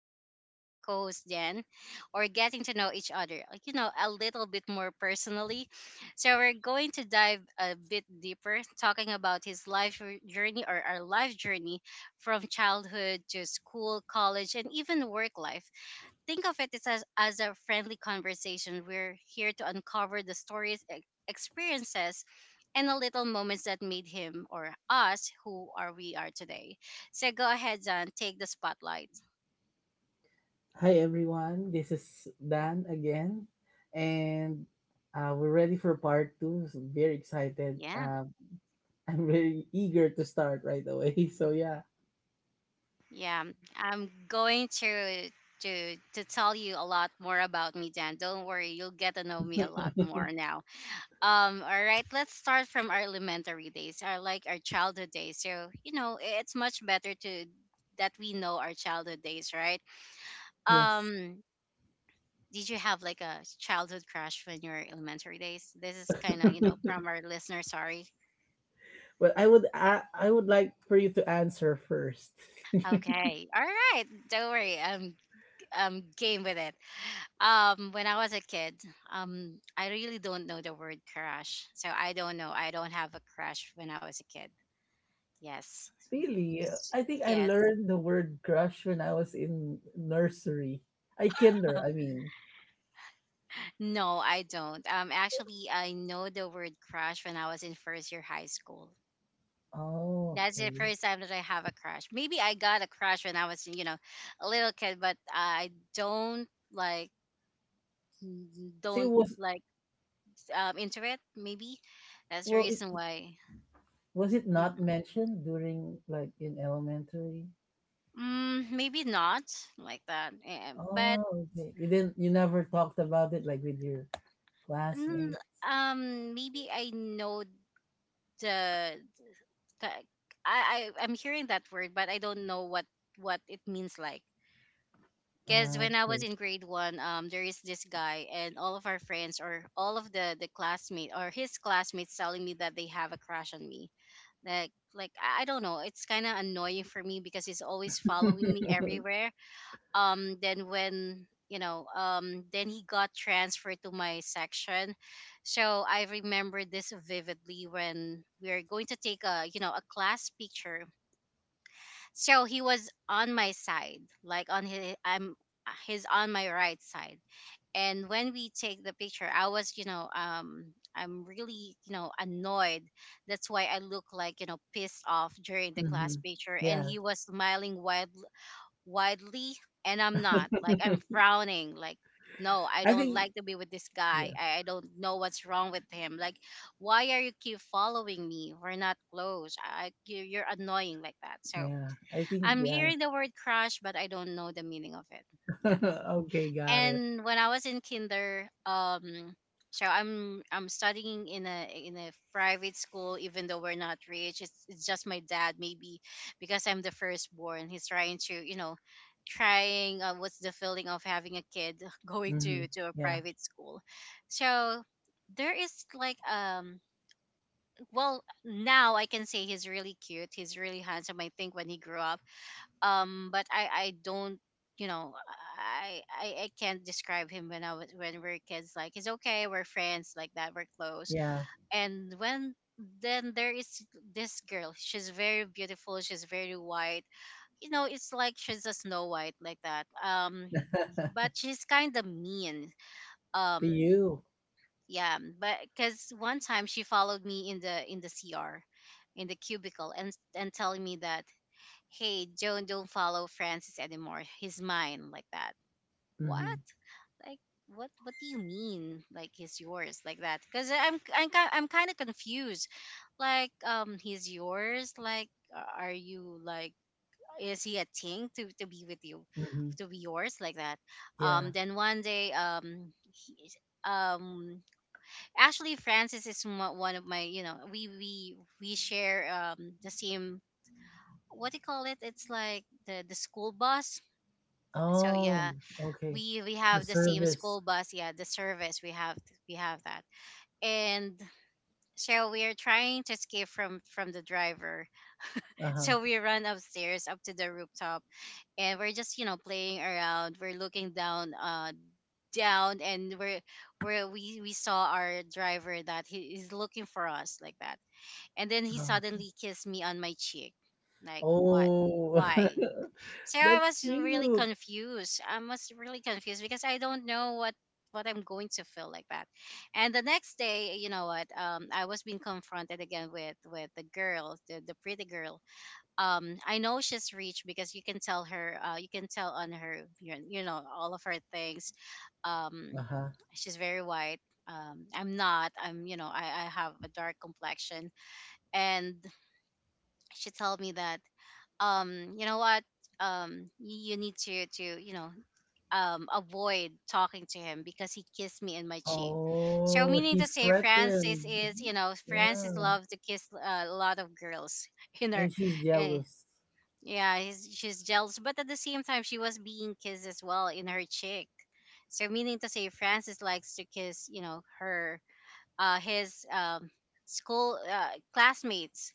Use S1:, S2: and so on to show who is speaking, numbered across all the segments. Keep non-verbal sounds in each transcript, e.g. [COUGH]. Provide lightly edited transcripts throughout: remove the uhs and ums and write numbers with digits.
S1: getting to know my co-host Dan, or getting to know each other, like, a little bit more personally. So we're going to dive a bit deeper, talking about his journey or our life journey from childhood to school, college, and even work life. Think of it as, as a friendly conversation. We're here to uncover the stories, experiences, and the little moments that made him or us who are we are today. So go ahead, Zan, take the spotlight.
S2: Hi everyone, this is Dan again, and we're ready for part two. So very excited.
S1: Yeah,
S2: I'm really eager to start right away. [LAUGHS] So yeah,
S1: yeah. I'm going to tell you a lot more about me, Dan. Don't worry, you'll get to know me a lot more now. All right, let's start from our elementary days, our childhood days. So, you know, it's much better to that we know our childhood days, right?
S2: yes.
S1: Um, did you have like a childhood crush when you were elementary days? This is kind of, you know,
S2: [LAUGHS]
S1: from our listener, sorry.
S2: Well, I would like for you to answer first. [LAUGHS]
S1: Okay. All right. Don't worry. I'm game with it. When I was a kid, I really don't know the word crush. So I don't know. I don't have a crush when I was a kid. Yes.
S2: Really, I think I
S1: Yes.
S2: learned the word crush when I was in nursery. I kinder, I
S1: [LAUGHS]
S2: mean.
S1: No, I don't. Actually, I know the word crush when I was in first year high school.
S2: Oh,
S1: That's the
S2: okay.
S1: first time that I have a crush. Maybe I got a crush when I was, you know, a little kid, but I don't like,
S2: See, it
S1: don't
S2: was
S1: like into it. Maybe that's the
S2: well, it
S1: reason why.
S2: was it not
S1: Mhm.
S2: mentioned during, like, in elementary?
S1: Mm, maybe not like that. But
S2: Oh, okay. You never talked about it like with your
S1: mm,
S2: classmates.
S1: maybe I know the ta- I'm hearing that word, but I don't know what it means like. Because
S2: Ah,
S1: when I was
S2: okay.
S1: in grade one, there is this guy, and all of our friends or all of the classmate or his classmates telling me that they have a crush on me. Like I don't know, it's kind of annoying for me because he's always following me
S2: [LAUGHS]
S1: everywhere. Then when you know, then he got transferred to my section, so I remember this vividly when we are going to take a you know a class picture, so he was on my side like on his I'm he's on my right side. And when we take the picture, I was, you know, I'm really, you know, annoyed. That's why I look like, you know, pissed off during the class
S2: Hmm.
S1: picture, and
S2: Yeah.
S1: he was smiling widely. And I'm not like, I'm
S2: [LAUGHS]
S1: frowning like, no, I
S2: I
S1: don't
S2: think.
S1: like to be with this
S2: Yeah,
S1: guy. I don't know what's wrong with him. Like, why are you keep following me? We're not close. You're annoying like that. So
S2: yeah. I think.
S1: I'm
S2: Yeah.
S1: hearing the word crush, but I don't know the meaning of it.
S2: [LAUGHS]
S1: Yeah.
S2: Okay, got it.
S1: And when I was in kinder, so I'm studying in a private school, even though we're not rich. It's just my dad, maybe because I'm the firstborn. He's trying to, you know, trying what's the feeling of having a kid [LAUGHS] going
S2: Hmm.
S1: to a
S2: Yeah.
S1: private school. So there is like well now I can say he's really cute. He's really handsome. I think when he grew up, but I don't, you know, I can't describe him when I was when we are kids. Like he's okay, we're friends like that, we're close.
S2: Yeah.
S1: And when, then there is this girl. She's very beautiful, she's very white. You know, it's like she's a snow white like that. But
S2: [LAUGHS]
S1: she's kind of mean.
S2: The
S1: um
S2: you.
S1: yeah, but because one time she followed me in the cr in the cubicle, and telling me that, hey, Joan, don't follow Francis anymore. He's mine, like that. What?
S2: Mhm,
S1: Like, what? What do you mean? Like, he's yours, like that? Because I'm kind of confused. Like, he's yours. Like, are you like, is he a thing to be with you,
S2: mhm.
S1: to be yours, like that?
S2: Yeah.
S1: Then one day, um, actually, Francis is one of my, you know, we share the same, what do you call it? It's like the school bus. So
S2: Oh,
S1: yeah,
S2: okay.
S1: we
S2: The
S1: have the same
S2: service.
S1: school bus. Yeah, the service we have that. And so we are trying to escape from the driver. [LAUGHS]
S2: Uh-huh.
S1: So we run upstairs up to the rooftop, and we're just, you know, playing around. We're looking down and we're where we saw our driver that he is looking for us like that. And then he
S2: Uh-huh.
S1: suddenly kissed me on my cheek. Like, what?
S2: Oh,
S1: Why?
S2: [LAUGHS]
S1: So I
S2: that's
S1: was really
S2: cute.
S1: confused. I was really confused because I don't know what I'm going to feel like that. And the next day, you know what? I was being confronted again with the girl, the pretty girl. I know she's rich because you can tell her. You can tell on her, you know, all of her things. Um,
S2: Uh-huh.
S1: she's very white. I'm not. I'm, you know, I have a dark complexion, and she told me that, you know what, you need to you know, avoid talking to him because he kissed me in my cheek. So
S2: Oh,
S1: meaning to
S2: she's
S1: say, Francis
S2: threatened.
S1: is,
S2: Mhm.
S1: you know, Francis
S2: Yeah.
S1: loves to kiss a lot of girls [LAUGHS] in her.
S2: And she's
S1: eh,
S2: jealous.
S1: yeah, she's jealous, but at the same time she was being kissed as well in her cheek. So meaning to say, Francis likes to kiss, you know, her his school classmates,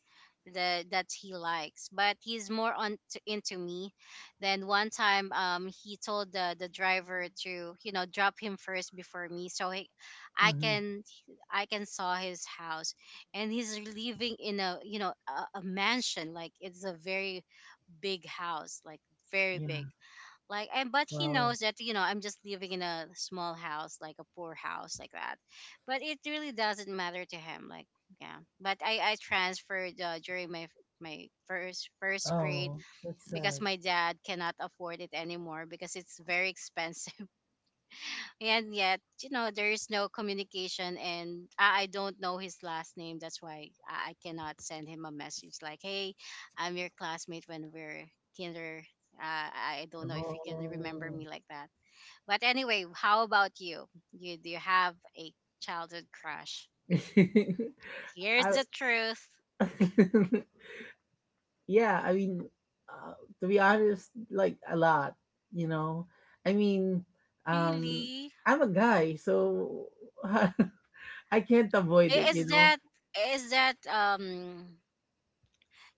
S1: that he likes, but he's more into me. Then one time, he told the driver to, you know, drop him first before me, I
S2: Mm-hmm.
S1: can I can saw his house. And he's living in a, you know, a mansion. Like, it's a very big house, like very big
S2: Yeah.
S1: like. And but he
S2: Wow.
S1: knows that, you know, I'm just living in a small house, like a poor house like that. But it really doesn't matter to him like. Yeah, but I transferred during my first grade,
S2: Oh, that's
S1: because
S2: sad.
S1: my dad cannot afford it anymore because it's very [LAUGHS] expensive. And yet, you know, there is no communication, and I don't know his last name. That's why I cannot send him a message like, hey, I'm your classmate when we're kinder. I don't know if you can remember
S2: Oh.
S1: me like that. But anyway, how about you? You do you have a childhood crush?
S2: [LAUGHS]
S1: Here's
S2: I
S1: the truth.
S2: [LAUGHS] yeah, I mean, uh, to be honest, like, a lot, you know, I mean, um
S1: Really?
S2: I'm a guy, so [LAUGHS] I can't avoid it, you
S1: Is
S2: know.
S1: that, is that um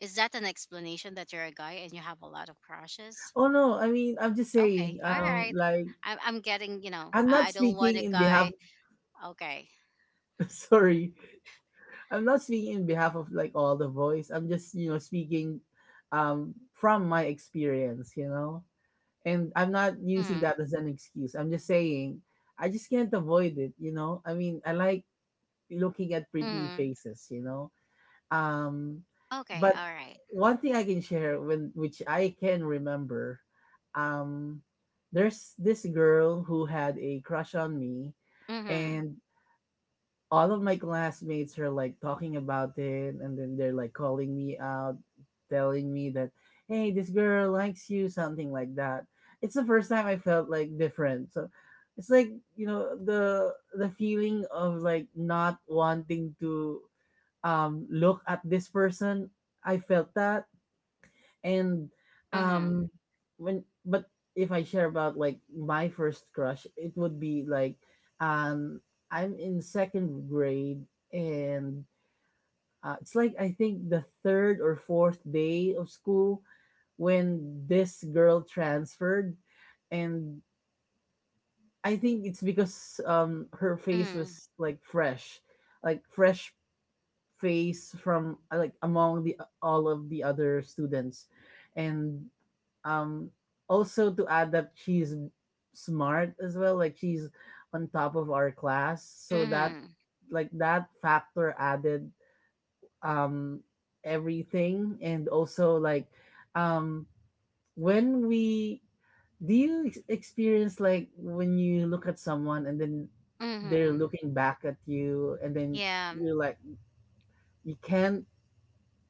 S1: is that an explanation that you're a guy and you have a lot of crushes?
S2: Oh, no, I mean, I'm just
S1: Okay.
S2: saying,
S1: All right.
S2: like,
S1: I'm getting, you know,
S2: I'm not
S1: I don't want
S2: speaking
S1: a
S2: in behalf
S1: guy. Okay.
S2: [LAUGHS] sorry, I'm not speaking in behalf of, like, all the boys. I'm just, you know, speaking from my experience, you know. And I'm not using
S1: Hmm.
S2: that as an excuse. I'm just saying, I just can't avoid it, you know. I mean, I like looking at pretty
S1: Hmm.
S2: faces, you know. Um,
S1: Okay.
S2: but
S1: All right.
S2: one thing I can share, when which I can remember, um, there's this girl who had a crush on me,
S1: Mhm.
S2: and all of my classmates are, like, talking about it, and then they're, like, calling me out, telling me that, hey, this girl likes you, something like that. It's the first time I felt, like, different. So it's like, you know, the feeling of, like, not wanting to look at this person. I felt that. And
S1: Mhm.
S2: um when but if I share about, like, my first crush, it would be like, um I'm in second grade. And it's like, I think, the third or fourth day of school when this girl transferred. And I think it's because, her face
S1: Mhm.
S2: was, like, fresh, like, fresh face from, like, among the all of the other students, and um also to add that she's smart as well, like, she's on top of our class. So that,
S1: Mhm.
S2: like, that factor added um everything. And also, like, um when we, do you experience, like, when you look at someone and then they're
S1: Mhm.
S2: looking back at you, and then
S1: Yeah.
S2: you're like, you can't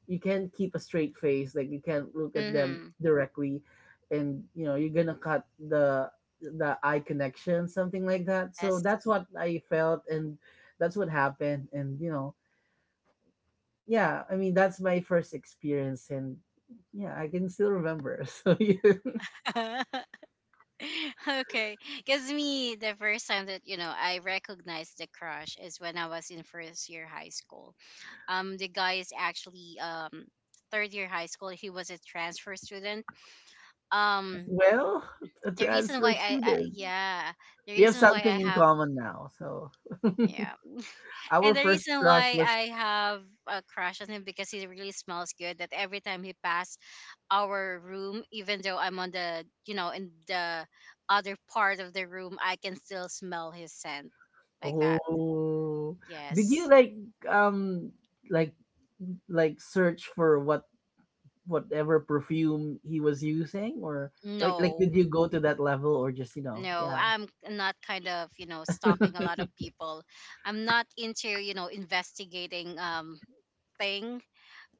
S2: you can't keep a straight face. Like, you can't look at them
S1: Mhm.
S2: directly. And you know you're gonna cut the eye connection, something like that. So
S1: Yes.
S2: that's what I felt, and that's what happened. And you know, yeah, I mean, that's my first experience. And yeah, I can still remember. [LAUGHS] So yes.
S1: [LAUGHS] Okay. Cuz me, the first time that, you know, I recognized the crush is when I was in first year high school. The guy is actually third year high school. He was a transfer student. Um
S2: Well, a
S1: the reason
S2: transfer
S1: why I
S2: student.
S1: Yeah, the
S2: We have
S1: reason why I
S2: something in
S1: have,
S2: common now, so
S1: yeah,
S2: our
S1: and the
S2: first
S1: reason
S2: crush
S1: why
S2: was —
S1: I have a crush on him because he really smells good, that every time he passed our room, even though I'm on the, you know, in the other part of the room, I can still smell his scent like that.
S2: Oh. Did you,
S1: Yes.
S2: like, um like, search for whatever perfume he was using, or, like,
S1: No.
S2: did you go to that level, or just, you know?
S1: No,
S2: Yeah,
S1: I'm not kind of, you know, stalking a lot of people. I'm not into, you know, investigating thing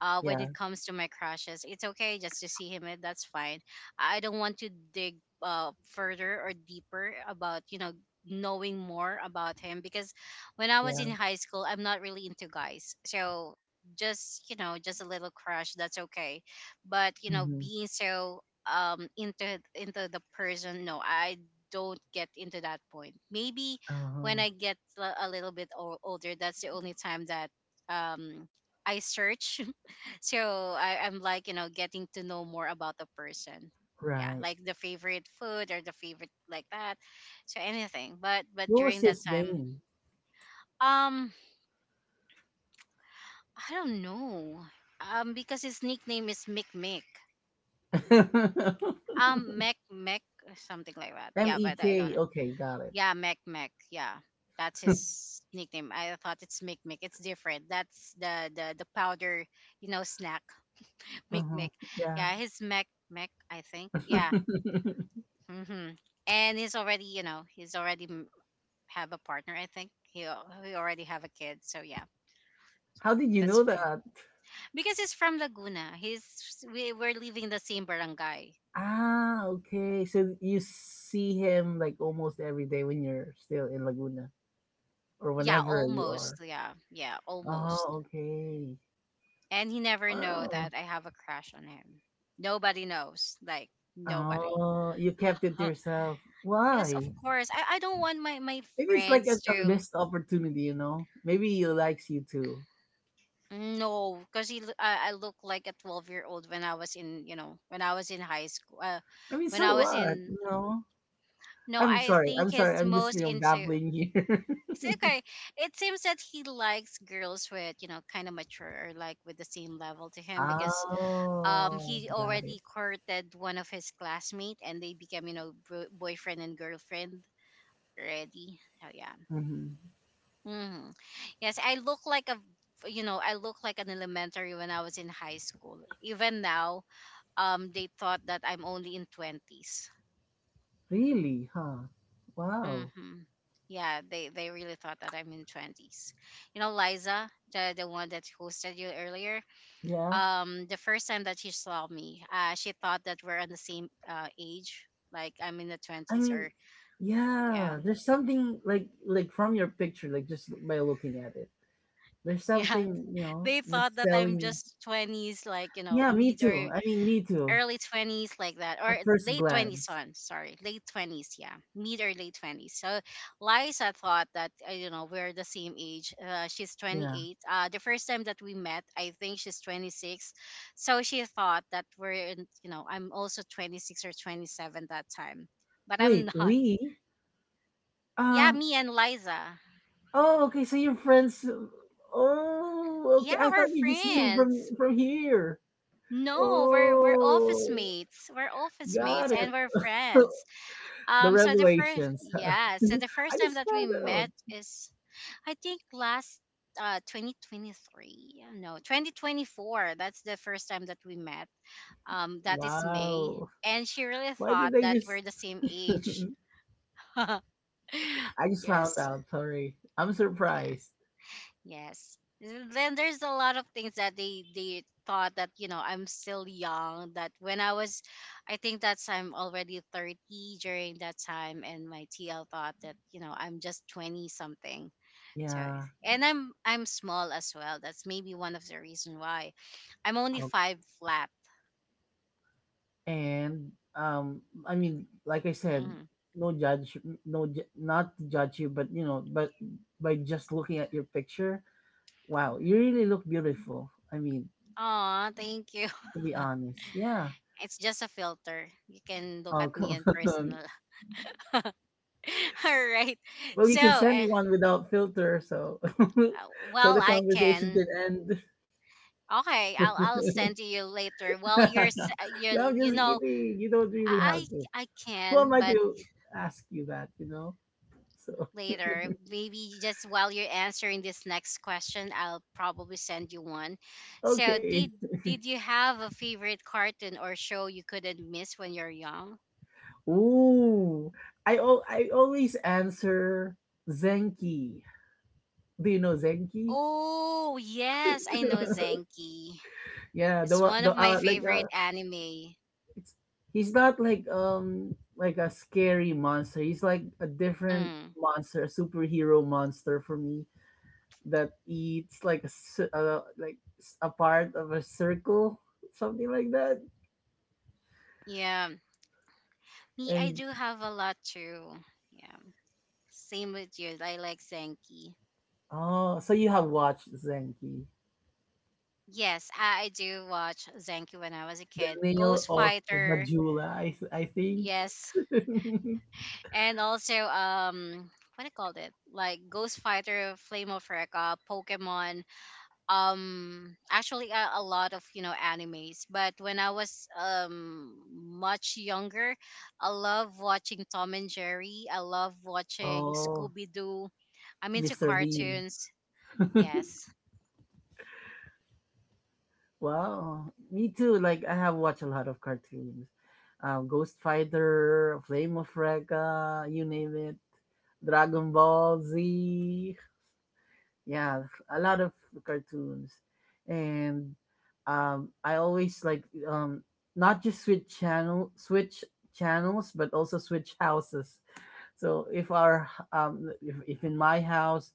S1: when
S2: yeah,
S1: it comes to my crushes. It's okay just to see him, and that's fine. I don't want to dig further or deeper about, you know, knowing more about him, because when I was
S2: yeah.
S1: in high school, I'm not really into guys. So just, you know, just a little crush, that's okay. But, you know,
S2: Mm-hmm.
S1: being so um into into the person, no, I don't get into that point. Maybe when
S2: Uh-huh.
S1: I get a little bit older, that's the only time that um I search, so I'm like, you know, getting to know more about the person. Yeah,
S2: Right.
S1: like the favorite food or the favorite like that. So anything. But
S2: What was
S1: during that
S2: his
S1: time,
S2: name?
S1: um, I don't know. Because his nickname is Mick Mick.
S2: [LAUGHS]
S1: Mac Mac, something like that.
S2: M
S1: Yeah,
S2: E
S1: but I don't
S2: K
S1: know.
S2: Okay, got it.
S1: Yeah, Mac Mac. Yeah. That's his nickname. I thought it's Mick Mick. It's different. That's the powder, you know, snack [LAUGHS] Mick
S2: Uh-huh.
S1: Mick.
S2: Yeah.
S1: Yeah, his Mac Mac, I think. Yeah.
S2: [LAUGHS]
S1: hmm And he's already, have a partner. I think he already have a kid. So yeah, so
S2: How did you
S1: that's
S2: know
S1: fine.
S2: that?
S1: Because he's from Laguna. He's we we're living the same barangay.
S2: Ah, okay. So you see him, like, almost every day when you're still in Laguna? Or
S1: Yeah,
S2: whenever you
S1: almost.
S2: are?
S1: Yeah, yeah,
S2: Oh,
S1: almost.
S2: okay.
S1: And he never know
S2: Wow.
S1: that I have a crush on him. Nobody knows. Like nobody.
S2: Oh, you kept it to
S1: [LAUGHS]
S2: yourself.
S1: Yes, of
S2: Why?
S1: course. I don't want my
S2: Maybe it's like a,
S1: friends
S2: a
S1: to.
S2: missed opportunity, you know? Maybe he likes you too.
S1: No, because I look like a 12-year-old when I was in high school.
S2: I mean,
S1: When I
S2: so
S1: was
S2: what,
S1: in,
S2: you know?
S1: no,
S2: I'm
S1: I
S2: sorry.
S1: think
S2: I'm sorry.
S1: he's
S2: I'm just,
S1: most
S2: you know,
S1: into.
S2: babbling here.
S1: It's okay. It seems that he likes girls with kind of mature, or like with the same level to
S2: [LAUGHS]
S1: him, because
S2: Oh,
S1: he
S2: got it.
S1: already courted one of his classmate, and they became, boyfriend and girlfriend already. So yeah.
S2: Hmm.
S1: hmm Yes, I look like an elementary when I was in high school. Even now, they thought that I'm only in 20s.
S2: Really? Huh? Wow.
S1: Mhm. Yeah, they really thought that I'm in 20s. You know, Liza, the one that hosted you earlier,
S2: Yeah.
S1: the first time that she saw me, she thought that we're on the same age, like I'm in the
S2: I
S1: 20s,
S2: mean,
S1: or yeah.
S2: yeah. There's
S1: [LAUGHS]
S2: something, like, from your picture, like, just by looking at it. There's
S1: Yeah.
S2: something, you know,
S1: They thought
S2: that's
S1: that
S2: telling
S1: I'm
S2: you.
S1: just 20s, like
S2: Yeah, me
S1: mid
S2: too.
S1: or
S2: I mean, me too.
S1: early 20s like that, or
S2: At first
S1: late 20s,
S2: glance.
S1: on sorry, late 20s, yeah, mid or late 20s. So Liza thought that we're the same age. She's
S2: Yeah.
S1: 28. The first time that we met, I think she's 26. So she thought that we're in, I'm also 26 or 27 that time, but I'm
S2: Wait,
S1: [LAUGHS] not.
S2: we?
S1: Yeah,
S2: Um,
S1: me and Liza.
S2: oh, okay, so your friends. Oh,
S1: Yeah,
S2: okay. I
S1: we're
S2: thought you just knew from
S1: friends.
S2: from here.
S1: No, we're we're office
S2: Oh,
S1: mates we're office mates
S2: got
S1: and
S2: it.
S1: we're
S2: [LAUGHS]
S1: friends.
S2: The
S1: Um, so the first,
S2: revelations.
S1: yeah, so the
S2: [LAUGHS]
S1: first
S2: I
S1: time
S2: just
S1: that we
S2: found it out.
S1: met is, I think, last 2023. No, 2024. That's the first time that we met. That is May,
S2: Wow.
S1: and she really
S2: Why did
S1: thought
S2: they
S1: that we're
S2: just
S1: the same
S2: [LAUGHS]
S1: age. [LAUGHS]
S2: I just found
S1: Yes,
S2: out, sorry. I'm
S1: yeah.
S2: surprised.
S1: Yes. And then there's a lot of things that they thought that I'm still young. That when I was, I think that's I'm already 30 during that time, and my TL thought that I'm just twenty something. So,
S2: Yeah.
S1: and I'm small as well. That's maybe one of the reason why I'm only five flat.
S2: And I mean, like I said,
S1: Mm-hmm.
S2: no judge, not to judge you, but, you know, but by just looking at your picture, wow, you really look beautiful, I mean,
S1: Aw, thank you.
S2: to be
S1: [LAUGHS]
S2: honest, yeah.
S1: It's just a filter. You can look
S2: Oh,
S1: at me
S2: come
S1: in
S2: [LAUGHS] on.
S1: personal. [LAUGHS] All right.
S2: Well, you
S1: So,
S2: can send one without filter, so.
S1: uh,
S2: [LAUGHS] So
S1: well,
S2: the
S1: I
S2: conversation
S1: can.
S2: can end.
S1: Okay, I'll send you later. Well, you're
S2: [LAUGHS]
S1: s-
S2: No,
S1: you
S2: I'm
S1: you
S2: just
S1: know
S2: kidding. You don't really
S1: I
S2: have to.
S1: I
S2: Who am
S1: can,
S2: I
S1: but
S2: to ask you that, you know? So
S1: later maybe just while you're answering this next question, I'll probably send you one.
S2: [LAUGHS]
S1: So
S2: okay.
S1: did you have a favorite cartoon or show you couldn't miss when you're young?
S2: Ooh, I always answer Zenki. Do you know Zenki?
S1: Oh yes, I know
S2: [LAUGHS]
S1: Zenki.
S2: Yeah,
S1: It's one
S2: the
S1: of my
S2: like
S1: favorite anime.
S2: it's he's not like, like, a scary monster. He's like a different
S1: Mm,
S2: monster, a superhero monster for me, that eats like a a part of a circle, something like that.
S1: yeah, me I
S2: And
S1: do have a lot too. Yeah, same with you. I like Zenki.
S2: oh, so you have watched Zenki,
S1: Yes, I do watch Zenki when I was a
S2: the
S1: kid.
S2: Nail
S1: Ghost
S2: of
S1: Fighter,
S2: Majula, I think.
S1: yes,
S2: [LAUGHS]
S1: and also, what do you call it? Like Ghost Fighter, Flame of Recca, Pokemon. Actually, a lot of animes. But when I was much younger, I love watching Tom and Jerry. I love watching
S2: Oh,
S1: Scooby Doo. I'm into
S2: Mr. Bean.
S1: cartoons. Yes.
S2: Wow. Me too. Like, I have watched a lot of cartoons. Ghost Fighter, Flame of Recca, you name it. Dragon Ball Z. Yeah, a lot of cartoons. And I always like, not just switch channel- switch channels, but also switch houses. So if our if in my house,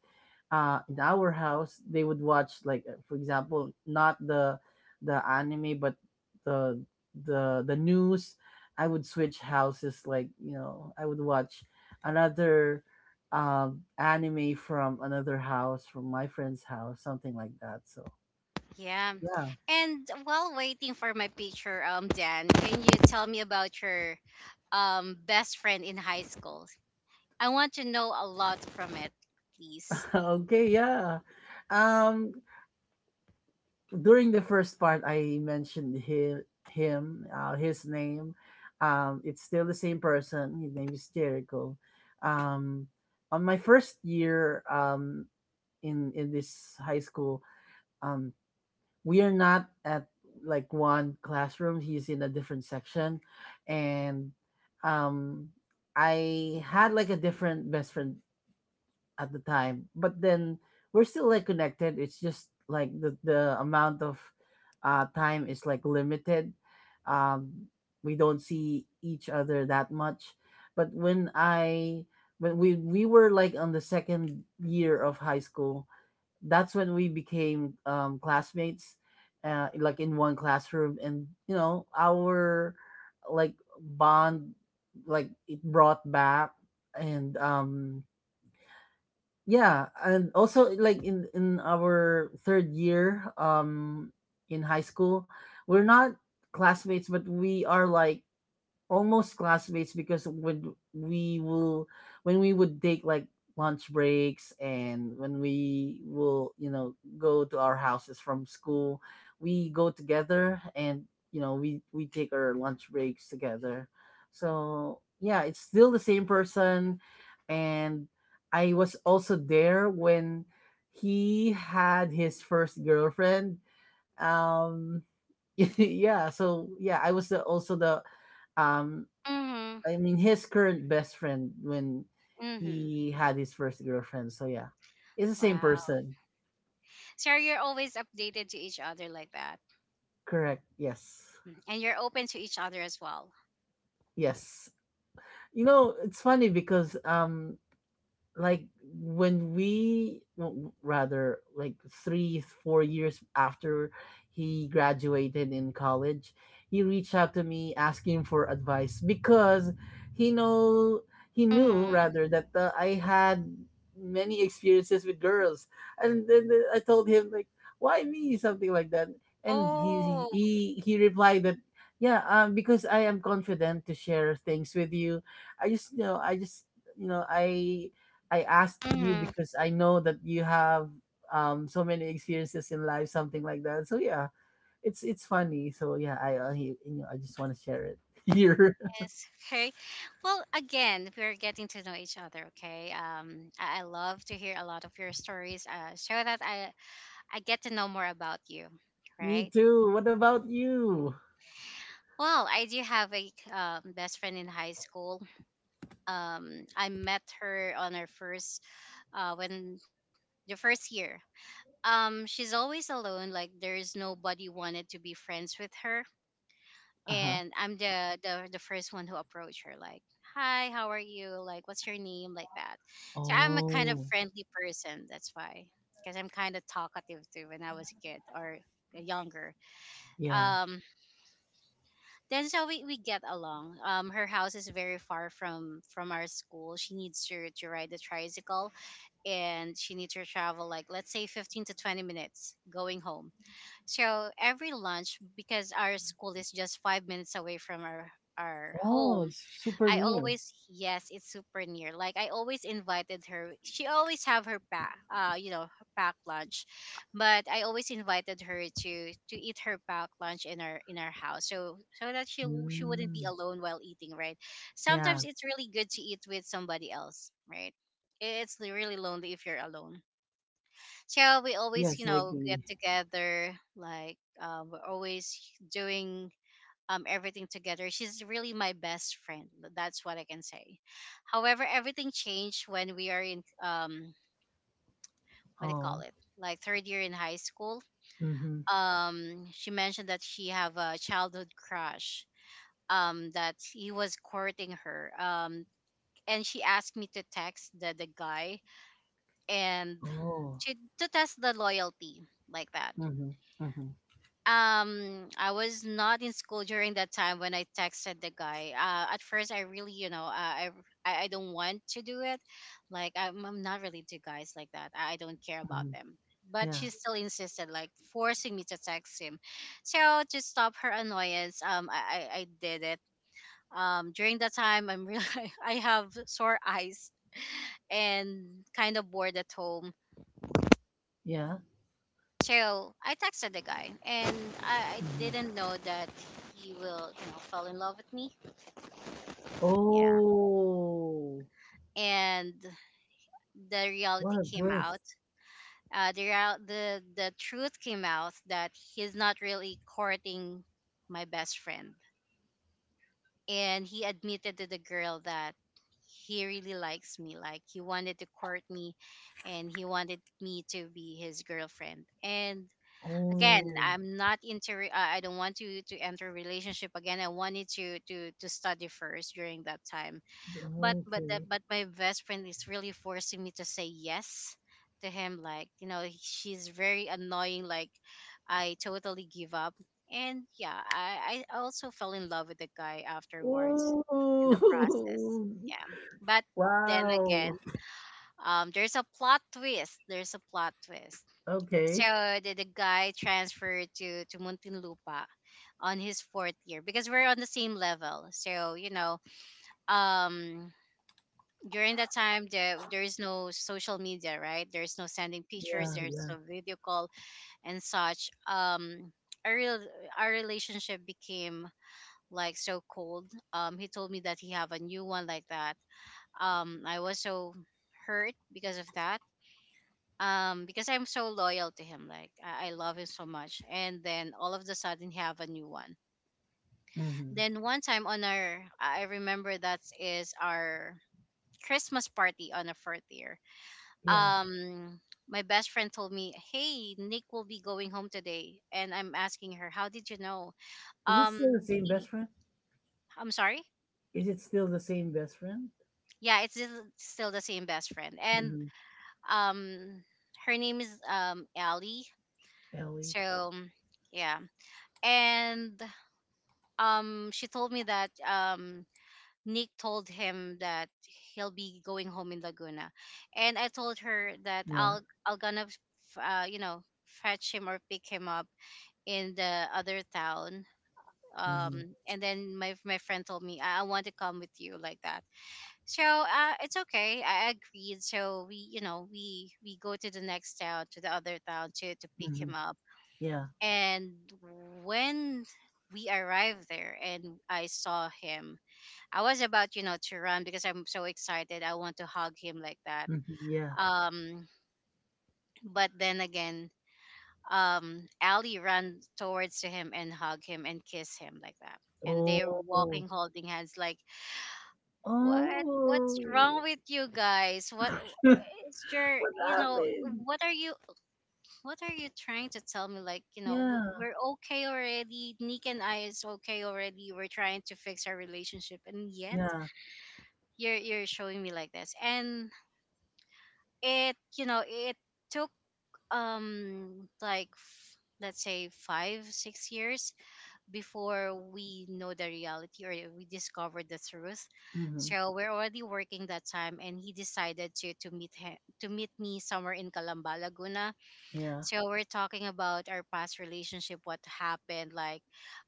S2: in our house, they would watch like, for example, not the anime, but the the news. I would switch houses, like, you know, I would watch another anime from another house, from my friend's house, something like that. So
S1: Yeah.
S2: yeah.
S1: And while waiting for my picture, Dan, can you tell me about your best friend in high school? I want to know a lot from it, please.
S2: [LAUGHS] Okay, yeah. um during the first part, I mentioned him, his name. It's still the same person. His name is Jericho. Um, on my first year, in this high school, um, we are not at, like, one classroom. He's in a different section, and um, I had, like, a different best friend at the time, but then we're still, like, connected. It's just like the amount of time is, like, limited. um we don't see each other that much. But when we were like on the second year of high school, that's when we became classmates, like, in one classroom. And you know, our, like, bond, like, it brought back. And yeah. And also, like, in our third year in high school, we're not classmates, but we are, like, almost classmates. Because when we would take, like, lunch breaks, and when we will, you know, go to our houses from school, we go together. And you know, we take our lunch breaks together. So yeah, it's still the same person. And I was also there when he had his first girlfriend. um [LAUGHS] yeah. So yeah, I was the, also the, um
S1: Mhm.
S2: I mean, his current best friend when
S1: Mhm.
S2: he had his first girlfriend. So yeah, it's the same
S1: Wow.
S2: person.
S1: So you're always updated to each other like that.
S2: Correct. Yes.
S1: Mm. And you're open to each other as well.
S2: Yes. You know, it's funny because like, when we, no, rather, like, 3 or 4 years after he graduated in college, he reached out to me asking for advice. Because he know- he
S1: Mhm.
S2: knew, rather, that I had many experiences with girls. And then I told him, like, why me, something like that. And
S1: Oh.
S2: he replied that, yeah, because I am confident to share things with you. I just you know I just you know I asked you
S1: Mhm.
S2: because I know that you have so many experiences in life, something like that. So yeah, it's funny. So yeah, I you know, I just want to share it [LAUGHS] here.
S1: Yes. Okay. Well, again, we're getting to know each other. Okay. I love to hear a lot of your stories. Show that I get to know more about you,
S2: Me
S1: right?
S2: too. What about you?
S1: Well, I do have a best friend in high school. I met her on our first when the first year. She's always alone. Like there's nobody wanted to be friends with her,
S2: Uh huh.
S1: and I'm the first one who approached her. Like, hi, how are you? Like, what's your name? Like that. So I'm a kind of
S2: Oh
S1: friendly person. That's why, because I'm kind of talkative too when I was a kid or younger.
S2: yeah.
S1: Um, Then, so we get along. Her house is very far from our school. She needs to ride the tricycle, and she needs to travel, like, let's say 15 to 20 minutes going home. So every lunch, because our school is just 5 minutes away from our
S2: Oh,
S1: home,
S2: it's super
S1: I
S2: near.
S1: always yes, it's super near. Like I always invited her. She always have her pack lunch, but I always invited her to eat her pack lunch in our house, so that she wouldn't be
S2: Mm,
S1: alone while eating. Right.
S2: yeah.
S1: Sometimes it's really good to eat with somebody else. Right. It's really lonely if you're alone. So we always
S2: Yes, I
S1: get
S2: agree.
S1: together. Like, we're always doing, everything together. She's really my best friend. That's what I can say. However, everything changed when we are in, what do you call
S2: Oh.
S1: it? Like third year in high school.
S2: Mm-hmm.
S1: She mentioned that she have a childhood crush. That he was courting her. And she asked me to text the guy and
S2: Oh.
S1: to to test the loyalty, like that.
S2: Mm-hmm. Mm-hmm.
S1: I was not in school during that time when I texted the guy, at first I really you know I don't want to do it, like I'm not really to guys like that. I don't care about
S2: Mm-hmm.
S1: them. But
S2: Yeah.
S1: she still insisted, like forcing me to text him, so to stop her annoyance, I did it. During that time, I'm really [LAUGHS] I have sore eyes and kind of bored at home.
S2: Yeah.
S1: So I texted the guy, and I
S2: Mm-hmm.
S1: didn't know that he will fall in love with me. Yeah,
S2: Oh.
S1: and the reality
S2: What a
S1: came out.
S2: twist.
S1: The real, the truth came out, that he's not really courting my best friend, and he admitted to the girl that he really likes me. Like he wanted to court me, and he wanted me to be his girlfriend. And again,
S2: Oh.
S1: I'm not into, I don't want to enter relationship again. I wanted to study first during that time, but that
S2: Okay.
S1: but my best friend is really forcing me to say yes to him, like, you know, she's very annoying. Like I totally give up, and yeah, I also fell in love with the guy afterwards, in the process.
S2: Ooh.
S1: Yeah, but
S2: [LAUGHS]
S1: then again,
S2: Wow.
S1: there's a plot twist, there's a plot twist. So
S2: Okay.
S1: the guy transferred to Muntinlupa on his fourth year, because we're on the same level. So, um, during that time, there is no social media, right? There's no sending pictures,
S2: Yeah,
S1: there's
S2: yeah.
S1: no video call and such. Our real our relationship became, like, so cold. He told me that he have a new one, like that. I was so hurt because of that, because I'm so loyal to him, like I love him so much, and then all of the sudden he have a new one.
S2: Hmm.
S1: Then one time, on our I remember that is our Christmas party on the fourth year.
S2: Yeah.
S1: um my best friend told me, hey, Nick will be going home today, and I'm asking her, how did you know?
S2: Is it
S1: um
S2: still the same
S1: he,
S2: best friend?
S1: I'm sorry.
S2: Is it still the same best friend?
S1: Yeah, it's still the same best friend, and
S2: Hmm.
S1: um her name is Allie.
S2: Ellie.
S1: So yeah, and she told me that Nick told him that he'll be going home in Laguna, and I told her that
S2: Yeah.
S1: I'll gonna f- you know fetch him or pick him up in the other town.
S2: Hmm.
S1: And then my friend told me, I want to come with you, like that. So, it's okay. I agreed. So we you know we go to the next town, to the other town, to pick him
S2: Hmm.
S1: up.
S2: Yeah.
S1: And when we arrived there and I saw him, I was about to run, because I'm so excited. I want to hug him, like that.
S2: Hmm. Yeah.
S1: Um, but then again, Ali ran towards to him and hug him and kiss him, like that. And they're
S2: Oh.
S1: walking, holding hands, like, what? What's wrong
S2: Oh.
S1: with you guys?
S2: [LAUGHS] What
S1: Is your, you know,
S2: happened?
S1: what are you, what are you trying to tell me? Like,
S2: Yeah.
S1: we're okay already. Nick and I is okay already. We're trying to fix our relationship, and yet
S2: Yeah.
S1: you're showing me like this, and it you know it took let's say 5 6 years before we know the reality, or we discovered the truth.
S2: Hmm.
S1: So we're already working that time, and he decided to meet me somewhere in Calamba, Laguna.
S2: Yeah.
S1: So we're talking about our past relationship, what happened. Like,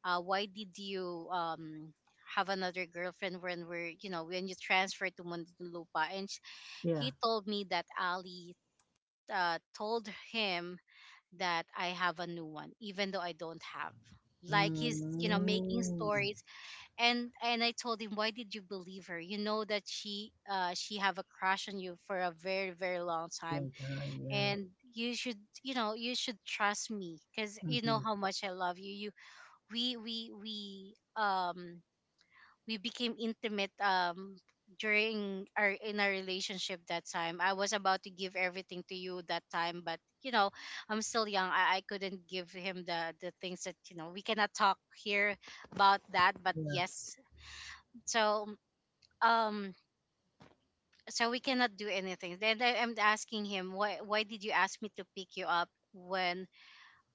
S1: why did you have another girlfriend when we're you know when you transferred to Muntinlupa, and
S2: Yeah.
S1: he told me that Ali, told him that I have a new one, even though I don't have. Like, he's, you know, making
S2: Mm.
S1: stories. And I told him, why did you believe her? You know that she have a crush on you for a very, very long time,
S2: Long time. Yeah.
S1: and you should, you know, you should trust me, cause you know
S2: Hmm.
S1: how much I love you. You, we we became intimate, during our relationship. That time I was about to give everything to you, that time, but, you know, I'm still young. I couldn't give him the things that, you know, we cannot talk here about that, but
S2: Yeah.
S1: yes. So, um so we cannot do anything. Then I'm asking him, why did you ask me to pick you up when,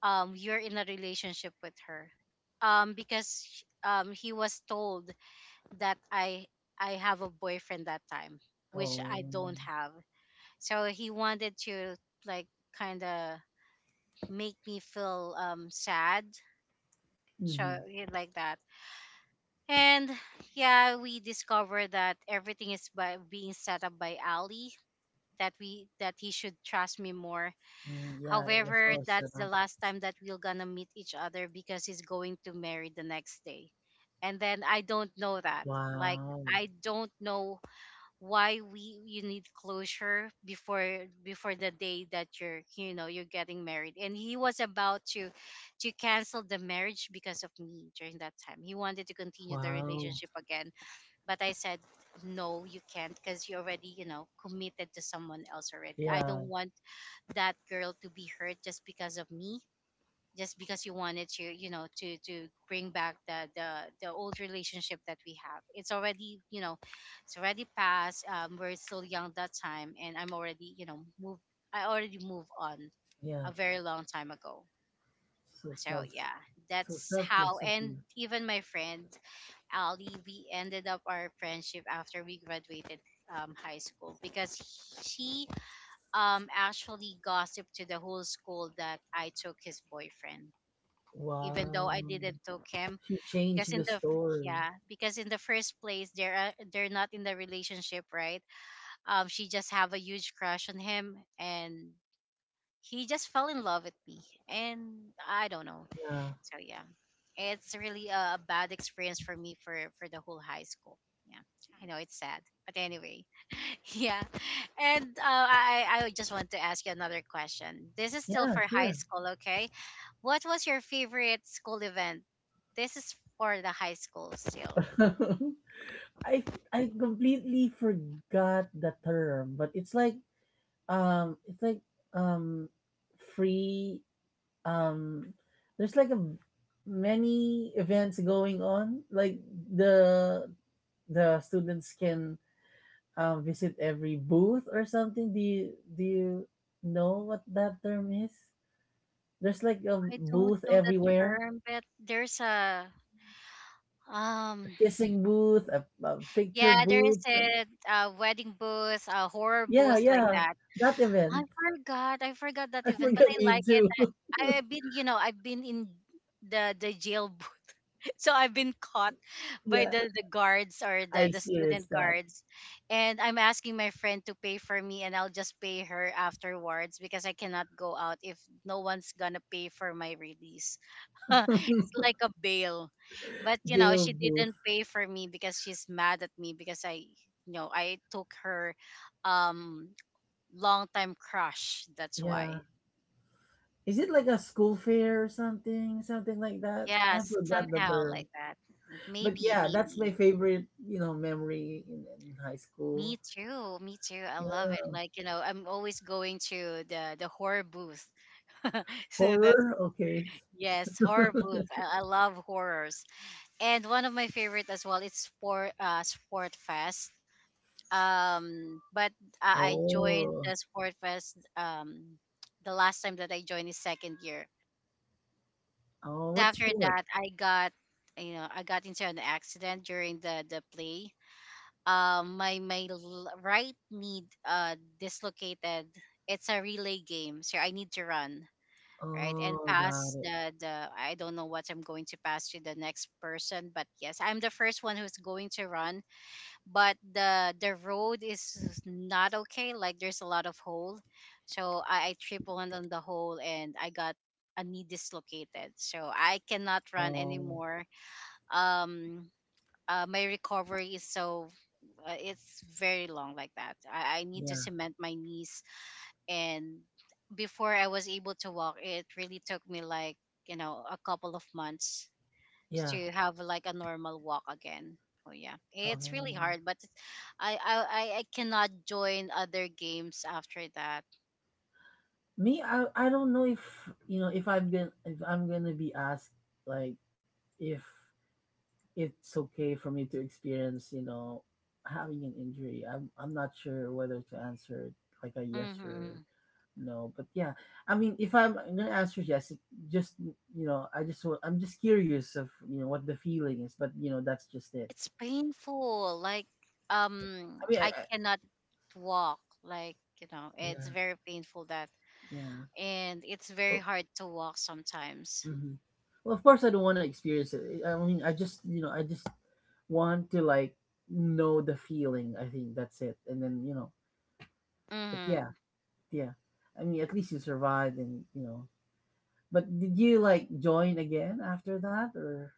S1: you're in a relationship with her. Because, he was told that I have a boyfriend that time, which
S2: Oh.
S1: I don't have. So he wanted to, like, kind of make me feel sad. So
S2: Mhm.
S1: yeah, like that. And yeah, we discovered that everything is by being set up by Ali. That he should trust me more.
S2: Mm, yeah, it was
S1: However,
S2: all set
S1: that's
S2: up.
S1: the last time that we're gonna meet each other, because he's going to marry the next day, and then I don't know that. Like,
S2: Wow.
S1: I don't know why we you need closure before the day that you're, you know, you're getting married. And he was about to cancel the marriage because of me. During that time, he wanted to continue the
S2: Wow.
S1: relationship again, but I said, no, you can't, because you already, you know, committed to someone else already. I
S2: Yeah.
S1: don't want that girl to be hurt just because of me, just because you wanted to, you know, to bring back the the old relationship that we have. It's already, you know, it's already past. We're still young that time, and I'm already, you know, move I already moved on
S2: Yeah.
S1: a very long time ago.
S2: So
S1: So
S2: self
S1: yeah,
S2: so
S1: that's how.
S2: selfless of
S1: And
S2: you.
S1: even my friend Ali, we ended up our friendship after we graduated high school, because she, actually gossiped to the whole school that I took his boyfriend, even though I
S2: Wow.
S1: didn't took him.
S2: She
S1: Because
S2: changed
S1: in
S2: the
S1: the
S2: story.
S1: yeah, because in the first place, they're not in the relationship, right? She just have a huge crush on him, and he just fell in love with me, and I don't know.
S2: Yeah.
S1: So yeah, it's really a bad experience for me, for the whole high school. Yeah, I know it's sad, but anyway, [LAUGHS] yeah. And I just want to ask you another question. This is still
S2: Yeah,
S1: for high
S2: sure.
S1: school, okay? What was your favorite school event? This is for the high school still.
S2: [LAUGHS] I I completely forgot the term, but it's like, it's like, um free, um there's like a many events going on, like, the students can, visit every booth or something. Do you know what that term is? There's like a
S1: I don't
S2: booth
S1: know the
S2: everywhere.
S1: term, but there's a um
S2: A kissing booth, a picture
S1: yeah, there is
S2: booth,
S1: a wedding booth, a horror
S2: yeah,
S1: booth, like
S2: yeah,
S1: that.
S2: that
S1: I
S2: event.
S1: forgot. I forgot
S2: [LAUGHS]
S1: that
S2: I
S1: even, but
S2: forgot.
S1: I
S2: Me
S1: like it.
S2: too.
S1: I've been, you know, I've been in the jail, [LAUGHS] so I've been caught by
S2: [LAUGHS] Yeah,
S1: the guards or
S2: I
S1: the student
S2: experienced that.
S1: guards, and I'm asking my friend to pay for me, and I'll just pay her afterwards because I cannot go out if no one's gonna pay for my release. [LAUGHS] It's
S2: [LAUGHS]
S1: like a bail, but you know,
S2: Jail
S1: she
S2: booth.
S1: didn't pay for me because she's mad at me because I took her um long time crush. That's
S2: Yeah.
S1: why.
S2: Is it like a school fair or something, something like that? I
S1: Yes,
S2: forgot the
S1: somehow like
S2: term.
S1: that.
S2: But
S1: Maybe,
S2: yeah, that's my
S1: maybe.
S2: favorite, memory in high
S1: Me
S2: school.
S1: too. Me too. I love
S2: Yeah.
S1: it. Like, you know, I'm always going to the horror booth. [LAUGHS] So that's,
S2: Horror? Okay.
S1: yes, horror booth. I love horrors. And one of my favorite as well, it's sport, sport fest. But I joined
S2: Oh.
S1: the sport fest the last time that I joined is second year.
S2: Oh, what
S1: After
S2: sport?
S1: that, I got, you know, I got into an accident during the play. My right knee dislocated. It's a relay game, so I need to run right and
S2: Oh, got
S1: pass
S2: it.
S1: the I don't know what I'm going to pass to the next person, but yes, I'm the first one who's going to run. But the road is not okay. Like, there's a lot of hole, so I triple on the hole and I got a knee dislocated, so I cannot run
S2: Oh,
S1: anymore. um my recovery is so, it's very long, like that. I need to
S2: yeah.
S1: cement my knees, and before I was able to walk, it really took me like, you know, a couple of months
S2: Yeah.
S1: to have like a normal walk again. Oh yeah, it's really
S2: Oh.
S1: hard, but it's- I cannot join other games after that.
S2: Me, I don't know if, you know, if I've been, if I'm gonna be asked, like, if it's okay for me to experience, you know, having an injury. I'm not sure whether to answer like a yes or
S1: Hmm
S2: no, but yeah, I mean, if I'm gonna answer yes, it just I just I'm just curious of what the feeling is, but you know, that's just it.
S1: It's painful. Like,
S2: I mean, I,
S1: I
S2: I
S1: cannot walk. Like, you know, it's
S2: yeah,
S1: very painful that,
S2: yeah.
S1: and it's very
S2: Oh,
S1: hard to walk sometimes.
S2: hmm. Well, of course, I don't want to experience it. I mean, I just I just want to like know the feeling. I think that's it, and then you know, but
S1: Hmm
S2: yeah. Yeah. I mean, at least you survived and, you know. But did you like join again after that or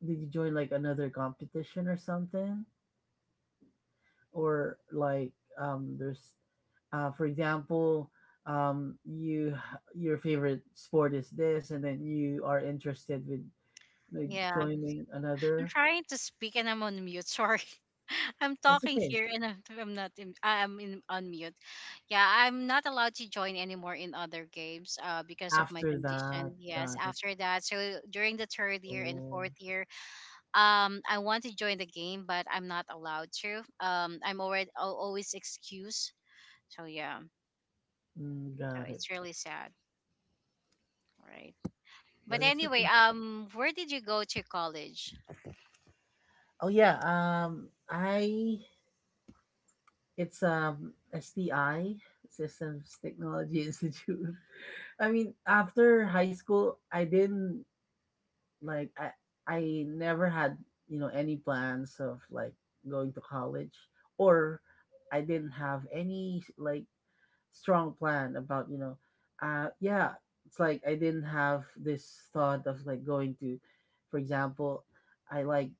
S2: did you join like another competition or something? Or like there's for example, you your favorite sport is this and then you are interested with like
S1: Yeah,
S2: joining
S1: I'm
S2: another.
S1: trying to speak and I'm on mute. Sorry. [LAUGHS] I'm
S2: It's
S1: talking
S2: okay.
S1: here and I'm not. In, I am in on mute. Yeah, I'm not allowed to join anymore in other games because of my
S2: After that,
S1: condition. Yes,
S2: got it.
S1: after that. So during the third year and
S2: Oh,
S1: fourth year, I want to join the game, but I'm not allowed to. I'm already always excused. So yeah,
S2: mm,
S1: so
S2: got it.
S1: it's really sad, right?
S2: Well,
S1: But
S2: that's
S1: anyway,
S2: okay.
S1: where did you go to college?
S2: Oh yeah, I it's, STI, Systems Technology [LAUGHS] Institute. I mean, after high school, I didn't like I never had, you know, any plans of like going to college or I didn't have any like strong plan about, you know, yeah, it's like I didn't have this thought of like going to for example, I like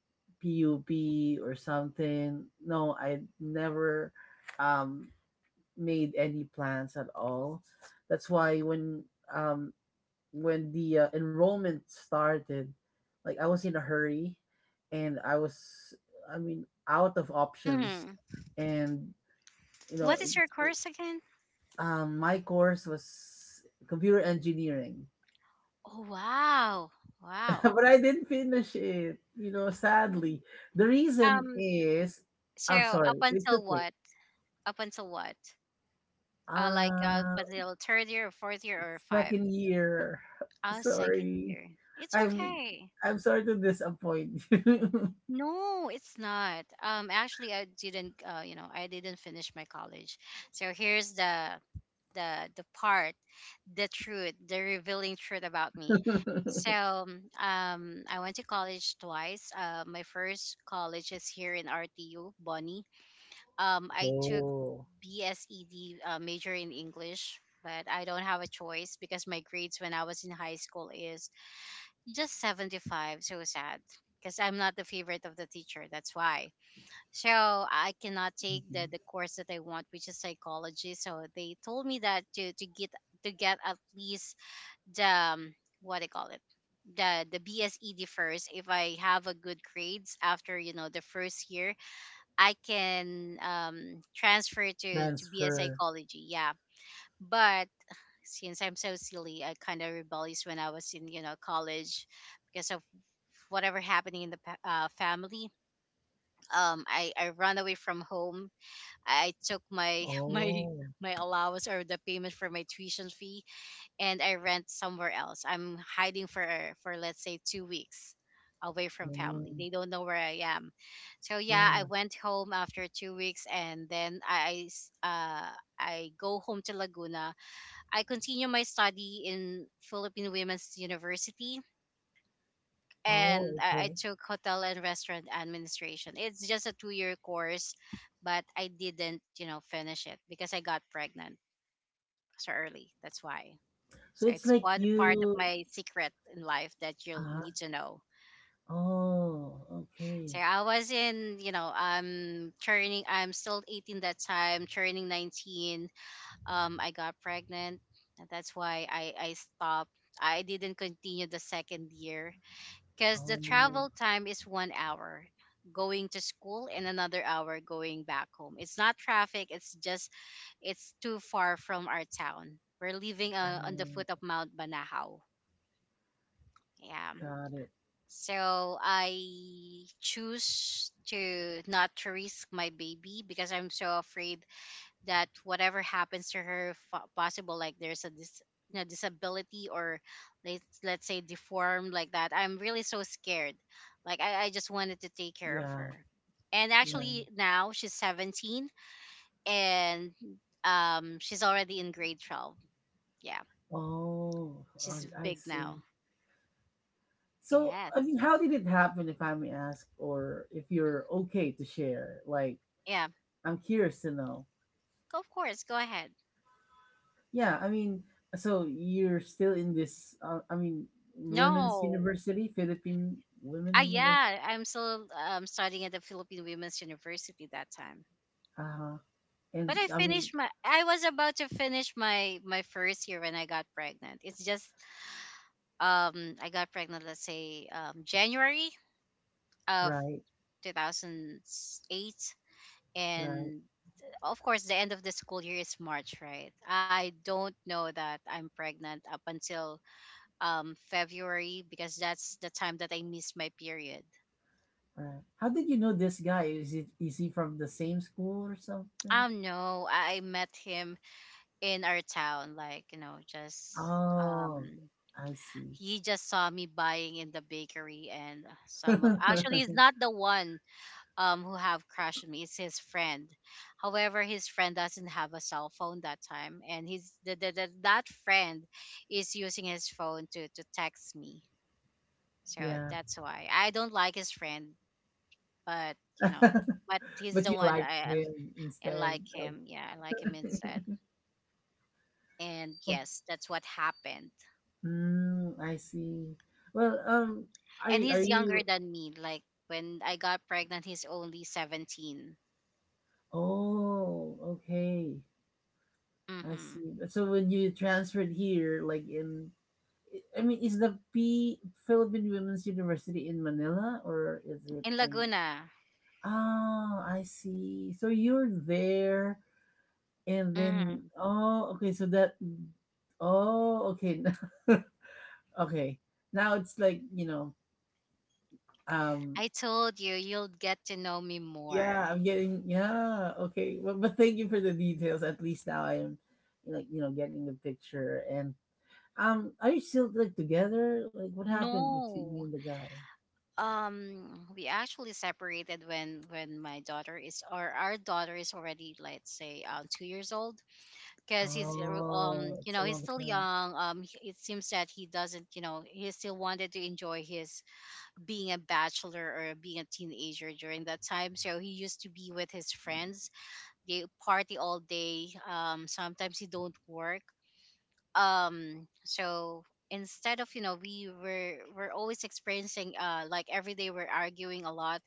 S2: PUB or something. No, I never um made any plans at all. That's why um when the enrollment started, like I was in a hurry and I was I mean out of options
S1: Mhm.
S2: and you know
S1: What is your
S2: it-
S1: course again?
S2: my course was computer engineering.
S1: Oh wow, wow.
S2: [LAUGHS] But I didn't finish it, you know,
S1: Mm.
S2: sadly. The reason
S1: Um,
S2: is
S1: so
S2: I'm
S1: up
S2: sorry, it's
S1: until
S2: okay.
S1: what? Up until what? Uh, like
S2: Uh,
S1: until third year or fourth year or five.
S2: second year.
S1: Second
S2: Sorry.
S1: year. It's
S2: I'm
S1: okay.
S2: I'm sorry to disappoint you. [LAUGHS]
S1: No, it's not. Actually, I didn't. You know, I didn't finish my college. So here's the part, the truth, the revealing truth about me. So I went to college twice. My first college is here in RTU, Bonnie. I took
S2: Oh.
S1: BSED, major in English, but I don't have a choice because my grades when I was in high school is just 75. So sad, because I'm not the favorite of the teacher. That's why. So I cannot take
S2: Mhm.
S1: the course that I want, which is psychology. So they told me that to get at least the what they call it, the BSED first. If I have a good grades after, you know, the first year, I can, transfer to be a
S2: Transfer.
S1: psychology. Yeah, but since I'm so silly, I kind of rebellious when I was in, you know, college because of whatever happening in the family. I run away from home. I took my [LAUGHS]
S2: Oh.
S1: my allowance or the payment for my tuition fee, and I rent somewhere else. I'm hiding for let's say 2 weeks, away from
S2: Oh.
S1: family. They don't know where I am. So yeah, I
S2: Yeah.
S1: went home after 2 weeks, and then I go home to Laguna. I continued my study in Philippine Women's University, and
S2: Oh,
S1: I
S2: okay.
S1: took hotel and restaurant administration. It's just a 2 year course, but I didn't, you know, finish it because I got pregnant so early. That's why.
S2: So
S1: So
S2: it's
S1: it's
S2: like
S1: one part of
S2: you
S1: my secret in life that you'll need
S2: uh
S1: to know.
S2: oh,
S1: So
S2: okay.
S1: I was in, you know, I'm turning, I'm still 18 that time, turning 19. I got pregnant, and that's why I stopped. I didn't continue the second year because the
S2: Oh,
S1: travel time is 1 hour going to school, and another hour going back home. It's not traffic, it's just it's too far from our town. We're living on the
S2: oh,
S1: foot of Mount Banahaw. Yeah.
S2: got it.
S1: So I choose to not to risk my baby because I'm so afraid that whatever happens to her possible, like there's a you know, disability, or let's say deformed, like that. I'm really so scared. Like I just wanted to take care of
S2: Yeah,
S1: her, and
S2: yeah.
S1: actually now she's 17, and she's already in grade 12. Yeah,
S2: Oh,
S1: she's
S2: I
S1: big
S2: see.
S1: now.
S2: So, I
S1: Yes,
S2: mean, how did it happen, if I may ask, or if you're okay to share? Like,
S1: yeah,
S2: I'm curious to know.
S1: go, of course, go ahead.
S2: Yeah, I mean, so you're still in this, I mean, women's
S1: No,
S2: university, Philippine women university.
S1: yeah, I'm still, studying at the Philippine Women's University that time.
S2: Uh-huh.
S1: But
S2: And
S1: I
S2: I mean,
S1: finished my I was about to finish my first year when I got pregnant. It's just, I got pregnant, let's say January of
S2: right,
S1: 2008,
S2: right,
S1: and of course the end of the school year is March, right? I don't know that I'm pregnant up until February, because that's the time that I missed my period.
S2: right. How did you know this guy? Is it is he from the same school or something?
S1: No, I met him in our town, like, you know, just
S2: Oh,
S1: um
S2: I see.
S1: he just saw me buying in the bakery and actually it's
S2: [LAUGHS]
S1: not the one who have crushed me, it's his friend. However, his friend doesn't have a cell phone that time, and he's that friend is using his phone to text me. So
S2: Yeah.
S1: that's why I don't like his friend, but you know, but
S2: [LAUGHS]
S1: he's
S2: But
S1: the
S2: you
S1: one that
S2: liked
S1: I
S2: him
S1: I
S2: instead.
S1: like him. Yeah, I like him
S2: Okay.
S1: instead, and yes,
S2: [LAUGHS]
S1: that's what happened.
S2: Mm, I see. Well,
S1: And
S2: are
S1: he's younger
S2: you?
S1: than me. Like when I got pregnant, he's only 17.
S2: Oh, okay. I
S1: Mm-hmm.
S2: see. But so when you transferred here, like in, I mean, is the P Philippine Women's University in Manila or is it
S1: In
S2: in?
S1: Laguna.
S2: Ah, I see. So you're there, and then
S1: Mm.
S2: oh, okay. So that oh, okay, [LAUGHS] okay. Now it's like you know, um,
S1: I told you you'll get to know me
S2: yeah,
S1: more.
S2: I'm getting yeah, okay. Well, but thank you for the details. At least now I'm, like you know, getting the picture and um, are you still, like, together? Like, what happened between you and
S1: No.
S2: the guy?
S1: We actually separated when my daughter is, or our daughter is already, let's say, 2 years old, because he's uh,
S2: Oh,
S1: um you
S2: it's a
S1: know, he's
S2: long
S1: still
S2: time.
S1: young. It seems that he doesn't, you know, he still wanted to enjoy his being a bachelor or being a teenager during that time. So he used to be with his friends. They party all day. Sometimes he don't work. So instead of, you know, we're always experiencing, like every day we're arguing a lot,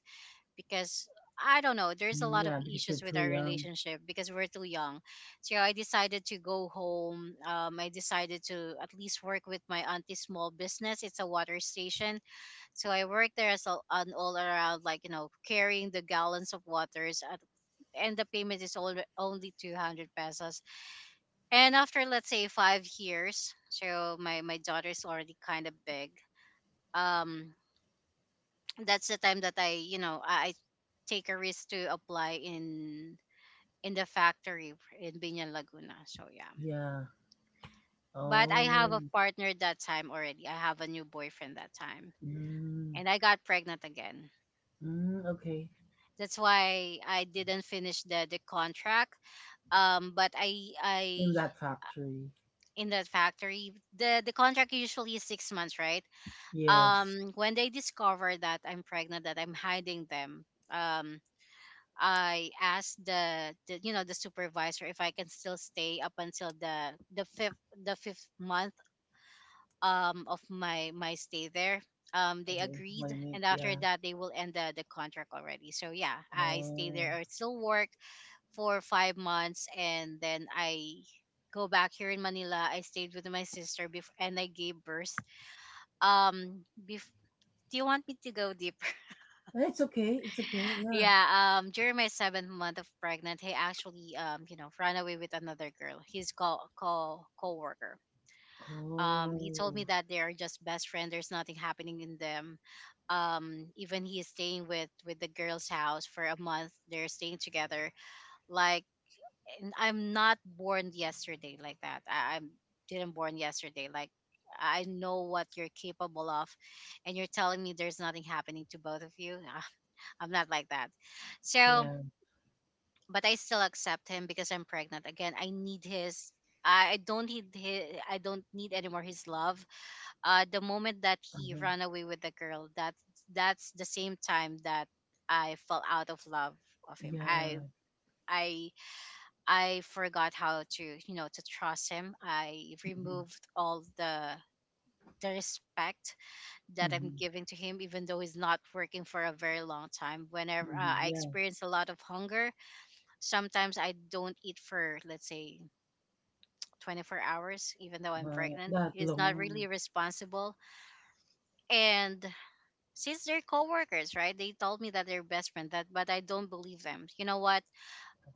S1: because I don't know, there's a
S2: Mm,
S1: lot of
S2: yeah, because you're
S1: issues with
S2: too
S1: our
S2: young.
S1: relationship because we're too young. So I decided to go home. I decided to at least work with my auntie's small business. It's a water station, so I worked there as a, an all around, like, you know, carrying the gallons of waters, at, and the payment is only only 200 pesos. And after, let's say, 5 years, so my daughter is already kind of big. Um, that's the time that I, you know, I take a risk to apply in the factory in Binyan Laguna. So yeah,
S2: Yeah.
S1: but I have a
S2: Oh.
S1: partner that time already. I have a new boyfriend that time,
S2: Mm,
S1: and I got pregnant again.
S2: mm, okay.
S1: That's why I didn't finish the contract. But I
S2: In
S1: I
S2: that factory.
S1: in that factory, the contract usually is 6 months, right?
S2: Yes.
S1: When they discover that I'm pregnant, that I'm hiding them, I asked the, you know, the supervisor if I can still stay up until the the fifth month of my my stay there. They
S2: Okay,
S1: agreed,
S2: blame it.
S1: and after
S2: Yeah.
S1: that they will end the, contract already. So yeah, I stay
S2: Oh.
S1: there. I still work for 5 months and then I go back here in Manila. I stayed with my sister before and I gave birth. Um bef- do you want me to go deeper?
S2: It's okay. It's okay.
S1: [LAUGHS]
S2: Yeah.
S1: Yeah, during my seventh month of pregnant, he actually, you know, ran away with another girl, his co co coworker. He told me
S2: Oh.
S1: that they are just best friend, there's nothing happening in them. Even he is staying with the girl's house for a month, they're staying together, like, I'm not born yesterday like that. I didn't born yesterday. Like, I know what you're capable of, and you're telling me there's nothing happening to both of you. [LAUGHS] Ah, I'm not like that. So,
S2: Yeah.
S1: but I still accept him because I'm pregnant. Again, I need his. I don't need his, I don't need anymore his love. The moment that he
S2: Uh-huh.
S1: ran away with the girl, that's the same time that I fell out of love of him.
S2: Yeah.
S1: I I forgot how to, you know, to trust him. I
S2: Mm-hmm.
S1: removed all the respect that I'm
S2: Mm-hmm.
S1: giving to him, even though he's not working for a very long time. Whenever,
S2: Hmm.
S1: I
S2: Yeah.
S1: experience a lot of hunger, sometimes I don't eat for, let's say, 24 hours, even though I'm
S2: Wow.
S1: pregnant.
S2: That
S1: He's not really
S2: long.
S1: responsible. And since they're coworkers, right? They told me that they're best friends, that but I don't believe them. You know what?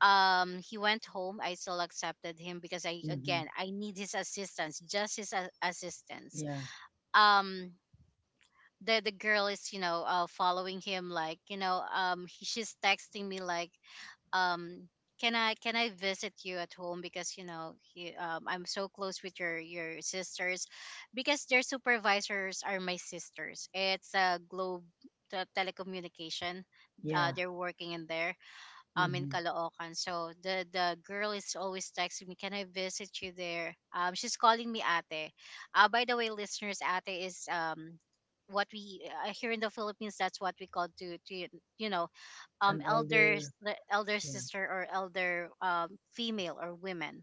S1: He went home, I still accepted him because I,
S2: Mm-hmm.
S1: again, I need his assistance, just his assistance.
S2: Yeah.
S1: um the girl is, you know, following him, like, you know, she's texting me, like, um can I visit you at home, because you know I'm so close with your sisters, because their supervisors are my sisters. It's a Globe, the telecommunication,
S2: Yeah.
S1: they're working in there, in
S2: Mm-hmm.
S1: Caloocan. So the girl is always texting me, "Can I visit you there?" She's calling me ate. By the way, listeners, ate is what we, here in the Philippines, that's what we call to you know,
S2: An
S1: elders,
S2: elder,
S1: the elder
S2: yeah,
S1: sister or elder female or women.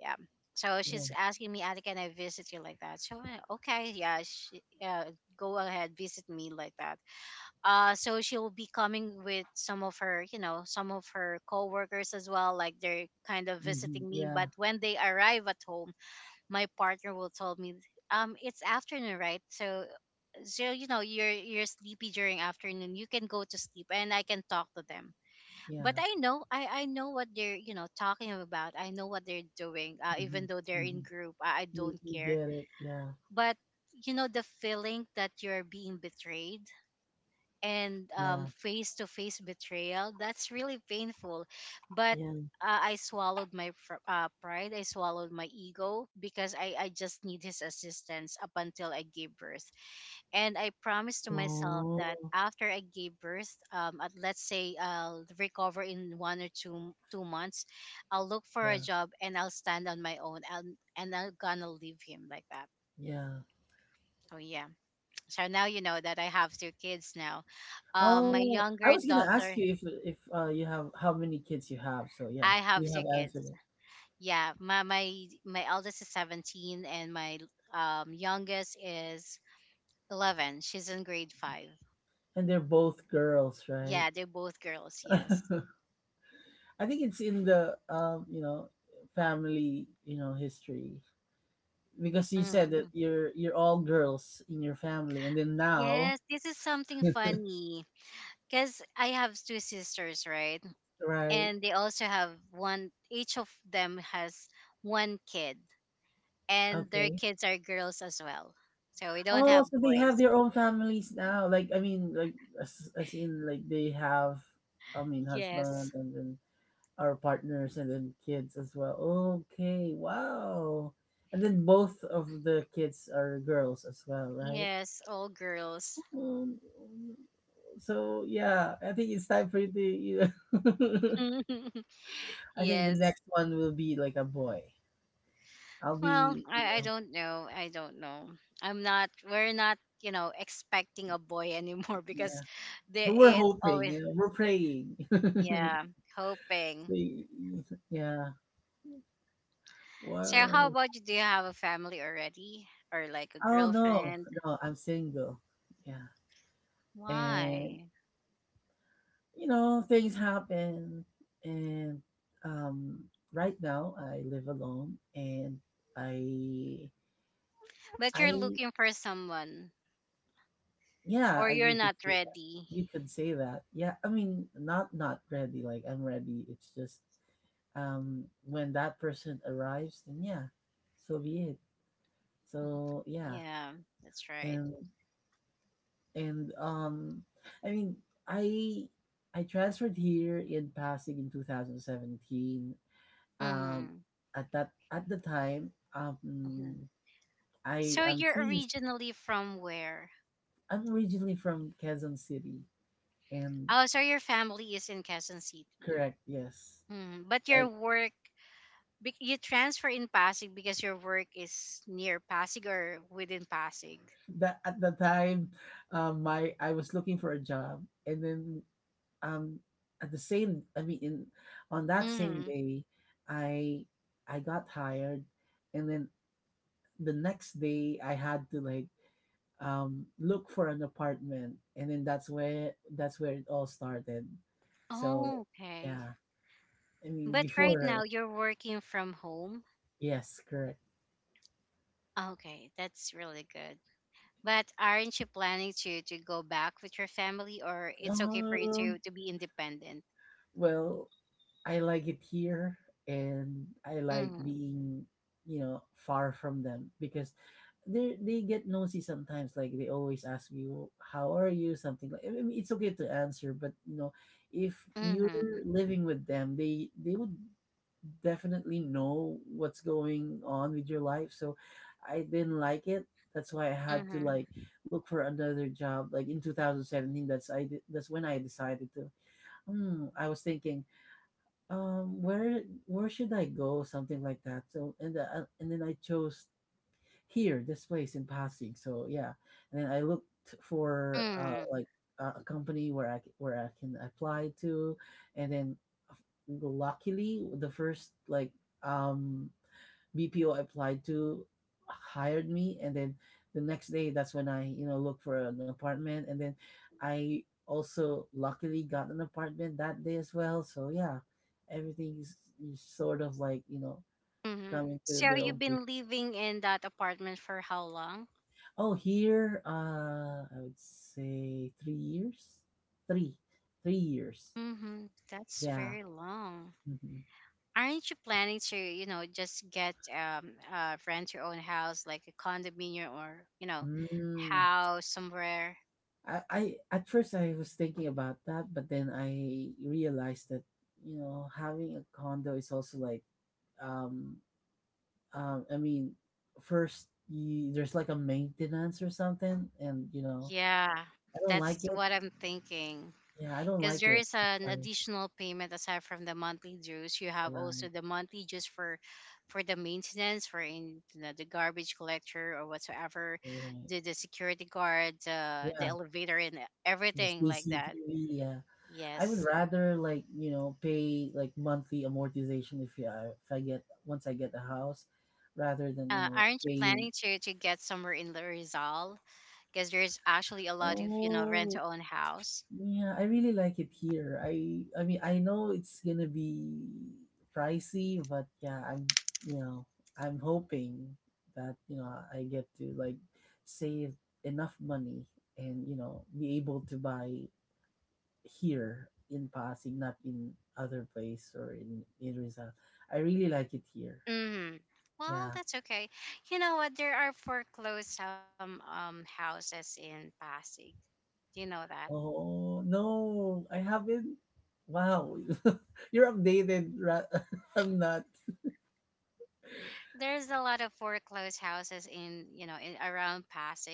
S1: Yeah. So
S2: yeah,
S1: she's asking me, Ate, can I visit you, like that? So I, okay, yeah, she, go ahead, visit me like that. So she'll be coming with some of her, you know, some of her coworkers as well. Like they're kind of
S2: hmm,
S1: visiting me. But
S2: yeah,
S1: when they arrive at home, my partner will tell me, it's afternoon, right? So you know, you're sleepy during afternoon. You can go to sleep, and I can talk to them. But
S2: yeah,
S1: I know, I know what they're, you know, talking about. I know what they're doing. Even
S2: hmm,
S1: though they're in
S2: hmm.
S1: group, I
S2: You
S1: don't
S2: you
S1: care.
S2: get it, yeah,
S1: But you know the feeling that you're being betrayed, and
S2: yeah,
S1: face-to-face betrayal, that's really painful, but
S2: yeah.
S1: I swallowed my pride, I swallowed my ego, because I just need his assistance up until I gave birth. And I promised to myself that
S2: Oh,
S1: after I gave birth, let's say I'll recover in one or two months, I'll look for a
S2: yeah,
S1: job and I'll stand on my own, and I'm gonna leave him like that.
S2: yeah.
S1: So yeah, so now you know that I have two kids now. Um, my
S2: Oh, I
S1: younger
S2: was gonna ask
S1: daughter,
S2: you if you have how many kids you have. So yeah,
S1: I have
S2: you have
S1: two
S2: answered
S1: kids.
S2: it,
S1: Yeah, my eldest is 17 and my youngest is 11. She's in grade 5.
S2: and they're both girls, right?
S1: Yeah, they're both girls, yes.
S2: [LAUGHS] I think it's in the you know family you know history because you said that
S1: Hmm.
S2: you're all girls in your family, and then now
S1: Yes, this is something funny because I have two sisters, right?
S2: right.
S1: And they also have one, each of them has one kid, and their
S2: Okay.
S1: kids are girls as well. So we don't
S2: Oh,
S1: have
S2: so they have
S1: boys.
S2: their own families now. Like I mean, like as in like they have, I mean, husband
S1: Yes.
S2: and then our partners and then kids as well. Okay, wow. And then both of the kids are girls as well, right?
S1: Yes, all girls.
S2: Um, so yeah, I think it's time for you to. You know,
S1: [LAUGHS]
S2: [LAUGHS] I think the
S1: Yes.
S2: next one will be like a boy. I'll
S1: Well,
S2: be, you
S1: I
S2: know,
S1: don't know. I don't know. I'm not We're not, you know, expecting a boy anymore [LAUGHS] because
S2: yeah.
S1: the
S2: But we're
S1: it's
S2: hoping,
S1: always
S2: you know, we're praying. [LAUGHS]
S1: yeah, hoping.
S2: So, yeah.
S1: So how
S2: Wow.
S1: about you? Do you have a family already? Or like a
S2: Oh, no.
S1: girlfriend?
S2: No, I'm single. Yeah. And,
S1: Why?
S2: you know, things happen. And um, right now, I live alone. And I,
S1: But you're
S2: I,
S1: looking for someone
S2: yeah,
S1: or
S2: I,
S1: you're
S2: you could
S1: not
S2: say that.
S1: ready.
S2: You could say that. Yeah. I mean, not, not ready. Like, I'm ready. It's just when that person arrives, then yeah, so be it. So, yeah.
S1: Yeah, that's right.
S2: And and I mean i I transferred here in pasig in 2017, um,
S1: Mm-hmm.
S2: at that at the time
S1: Mm-hmm.
S2: I
S1: So
S2: am
S1: you're
S2: seeing
S1: originally from where?
S2: I'm originally from Quezon City and
S1: Oh, so your family is in Quezon City.
S2: correct yes
S1: Hmm. But your
S2: like
S1: work, you transfer in Pasig because your work is near Pasig or within Pasig.
S2: that at the time my I was looking for a job and then um at the same I mean in on that same
S1: Mm.
S2: day i I got hired and then the next day I had to like look for an apartment and then that's where it all started. So
S1: Oh, okay.
S2: yeah. I mean
S1: But right
S2: before
S1: now you're working from home.
S2: yes, correct.
S1: Okay, that's really good. But aren't you planning to go back with your family, or it's okay for you
S2: Um,
S1: to be independent?
S2: well I like it here and I like
S1: Mm-hmm.
S2: being, you know, far from them because they get nosy sometimes. Like they always ask you, "How are you?" Something like. I mean, it's okay to answer, but you know, if you're
S1: Mm-hmm.
S2: living with them, they would definitely know what's going on with your life. So I didn't like it. That's why I had to like
S1: Mm-hmm.
S2: look for another job. Like in 2017, that's I did, that's when I decided to. Hmm, I was thinking, where should I go? Something like that. So and then I chose here this place in Pasig. So yeah, and then I looked for
S1: Mm-hmm.
S2: like a company where I where I can apply to, and then f- luckily the first like um, BPO I applied to hired me, and then the next day that's when I you know look for an apartment, and then I also luckily got an apartment that day as well. So yeah, everything is sort of like you know
S1: Mm-hmm.
S2: coming to
S1: So
S2: their
S1: you've
S2: own
S1: been living in that apartment for how long?
S2: oh, here, I would say 3 years, three, 3 years.
S1: Mm-hmm. That's
S2: Yeah.
S1: very long.
S2: Hmm.
S1: Aren't you planning to, you know, just get rent your own house, like a condominium, or, you know,
S2: Mm.
S1: house somewhere?
S2: I at first I was thinking about that, but then I realized that you know having a condo is also like, um, I mean, first you, there's like a maintenance or something, and you know
S1: Yeah.
S2: I don't like
S1: That's
S2: it.
S1: what I'm thinking.
S2: Yeah, I don't
S1: Because
S2: like
S1: there
S2: it.
S1: is
S2: That's
S1: an
S2: why-
S1: additional payment aside from the monthly dues, you have also
S2: right,
S1: the monthly dues for the maintenance, for in you the garbage collector or whatsoever,
S2: right.
S1: the, security guard, the
S2: Yeah,
S1: elevator, and
S2: the
S1: everything like that,
S2: CCTV. Yeah. I would
S1: yes.
S2: rather like you know pay like monthly amortization if I get once I get the house, rather than you know
S1: Aren't you
S2: paying.
S1: planning to get somewhere in the Rizal? Because there's actually a lot of, you know, rent
S2: Oh
S1: to own house.
S2: yeah, I really like it here. I mean I know it's gonna be pricey, but yeah I'm you know I'm hoping that you know I get to like save enough money and you know be able to buy here in Pasig, not in other place or in Rizal. I really like it here.
S1: Mm-hmm. Well,
S2: Yeah.
S1: that's okay. You know what? There are foreclosed houses in Pasig. Do you know that?
S2: Oh, no, I haven't. Wow. [LAUGHS] You're updated. [LAUGHS] I'm not.
S1: There's a lot of foreclosed houses in, you know, in around Pasig.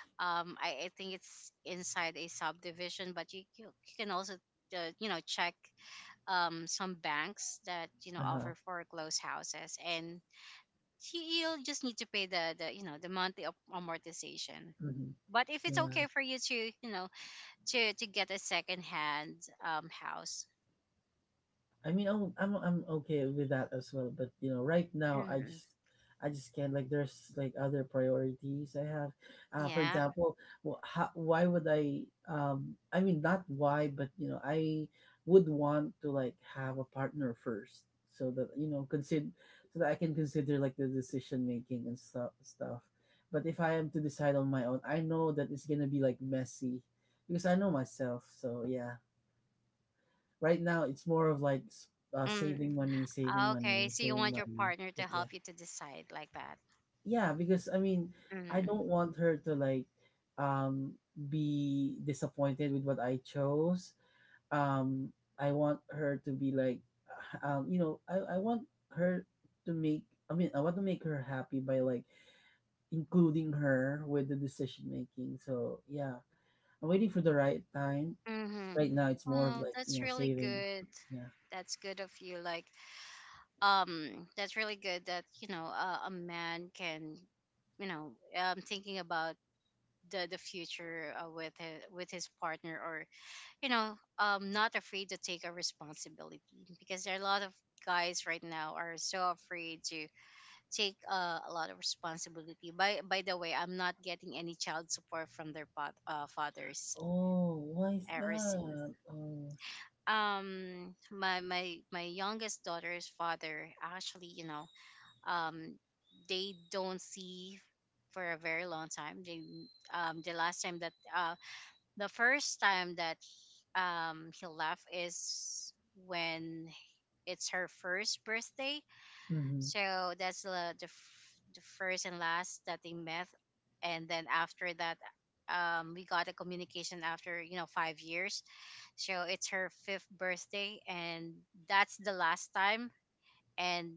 S1: I think it's inside a subdivision, but you can also, you know, check some banks that, you know,
S2: Uh-huh.
S1: offer foreclosed houses, and you- you'll just need to pay the you know, the monthly amortization.
S2: Hmm.
S1: But if it's
S2: Yeah.
S1: okay for you to, you know, to get a second hand house.
S2: I mean, I'm okay with that as well. But you know, right now,
S1: Mm,
S2: I just can't. Like, there's like other priorities I have. For
S1: yeah.
S2: example, how, why would I? I mean, not why, but you know, I would want to like have a partner first, so that you know, consider so that I can consider like the decision making and stuff. But if I am to decide on my own, I know that it's gonna be like messy because I know myself. So yeah. Right now, it's more of like
S1: Mm,
S2: saving money, saving
S1: okay.
S2: money,
S1: So you
S2: saving
S1: want your
S2: money.
S1: partner
S2: But
S1: to
S2: yeah,
S1: help you to decide like that.
S2: yeah, because I mean, I
S1: Mm.
S2: don't want her to like be disappointed with what I chose. I want her to be like, [SIGHS] you know, I want her to make. I mean, I want to make her happy by like including her with the decision making. So yeah, I'm waiting for the right time. Right
S1: Mm-hmm.
S2: now, it's more of
S1: Oh,
S2: like you
S1: that's
S2: know
S1: really
S2: saving.
S1: good.
S2: Yeah.
S1: That's good of you. Like, that's really good that you know, a man can, you know, thinking about the future, with his partner, or you know, not afraid to take a responsibility, because there are a lot of guys right now are so afraid to take, a lot of responsibility. By the way, I'm not getting any child support from their fathers
S2: Oh, why is
S1: ever since.
S2: that? Oh,
S1: My youngest daughter's father, actually um they don't see for a very long time. They the last time that the first time that He left is when it's her first birthday.
S2: mhm.
S1: So that's the first and last that they met, and then after that, we got a communication after 5 years. So it's her fifth birthday, and that's the last time, and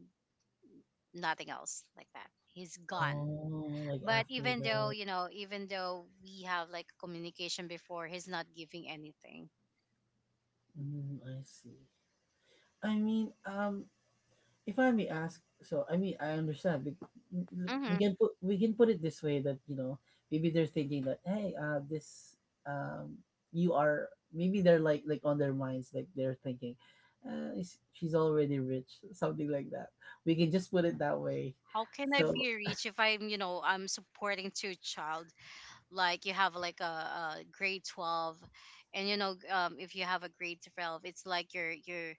S1: nothing else like that. He's gone.
S2: Oh, like
S1: But
S2: after
S1: even though,
S2: that.
S1: even though we have like communication before, he's not giving anything.
S2: Mm, I see. I mean, if I may ask, so I mean, I understand. We,
S1: hmm
S2: we can put it this way that you know maybe they're thinking that hey, this um, you are maybe they're like on their minds like they're thinking, she's already rich, [LAUGHS] something like that. We can just put it that way.
S1: How can I
S2: So
S1: be rich if I'm you know I'm supporting two child? Like you have like a grade 12, and if you have a grade 12, it's like you're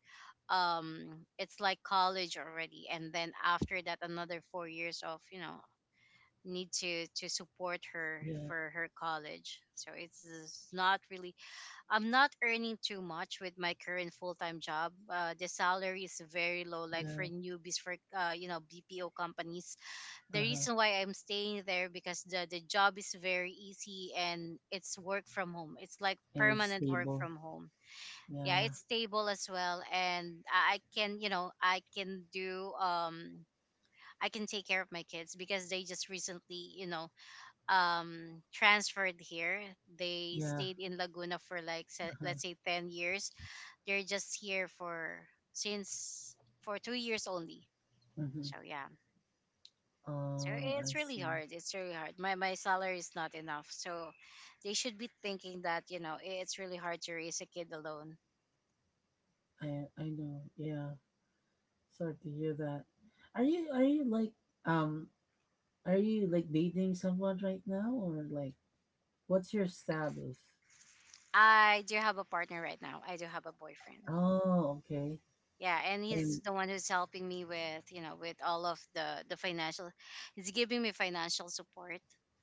S1: it's like college already, and then after that another 4 years of, you know, need to support her
S2: yeah,
S1: for her college. So it's is not really, I'm not earning too much with my current full-time job. The salary is very low, like for
S2: yeah,
S1: newbies, for BPO companies. The
S2: uh huh,
S1: reason why I'm staying there, because the job is very easy and it's work from home. It's like
S2: and it's
S1: permanent work
S2: stable.
S1: from home. Yeah,
S2: Yeah,
S1: it's stable as well, and I can, you know, I can do, I can take care of my kids because they just recently, you know, transferred here. They
S2: yeah,
S1: stayed in Laguna for like
S2: uh-huh,
S1: let's say 10 years. They're just here for, since, for 2 years only.
S2: mm-hmm.
S1: So yeah. So
S2: Oh,
S1: it's
S2: I
S1: really
S2: see.
S1: hard. It's really hard. My salary is not enough. So they should be thinking that, you know, it's really hard to raise a kid alone.
S2: I know. Yeah, sorry to hear that. Are you like um are you like dating someone right now or like what's your status?
S1: I do have a partner right now. I do have a boyfriend.
S2: Oh, okay.
S1: Yeah, and he's
S2: And
S1: the one who's helping me with, you know, with all of the financial. He's giving me financial support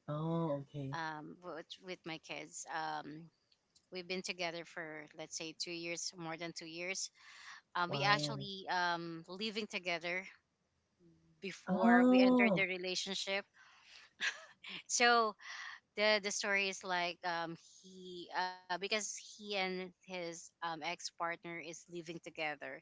S2: oh, okay.
S1: with my kids. We've been together for, let's say, 2 years, more than 2 years. We
S2: Wow.
S1: actually living together before we entered the
S2: Oh,
S1: relationship. So the story is like, he, because he and his ex partner is living together,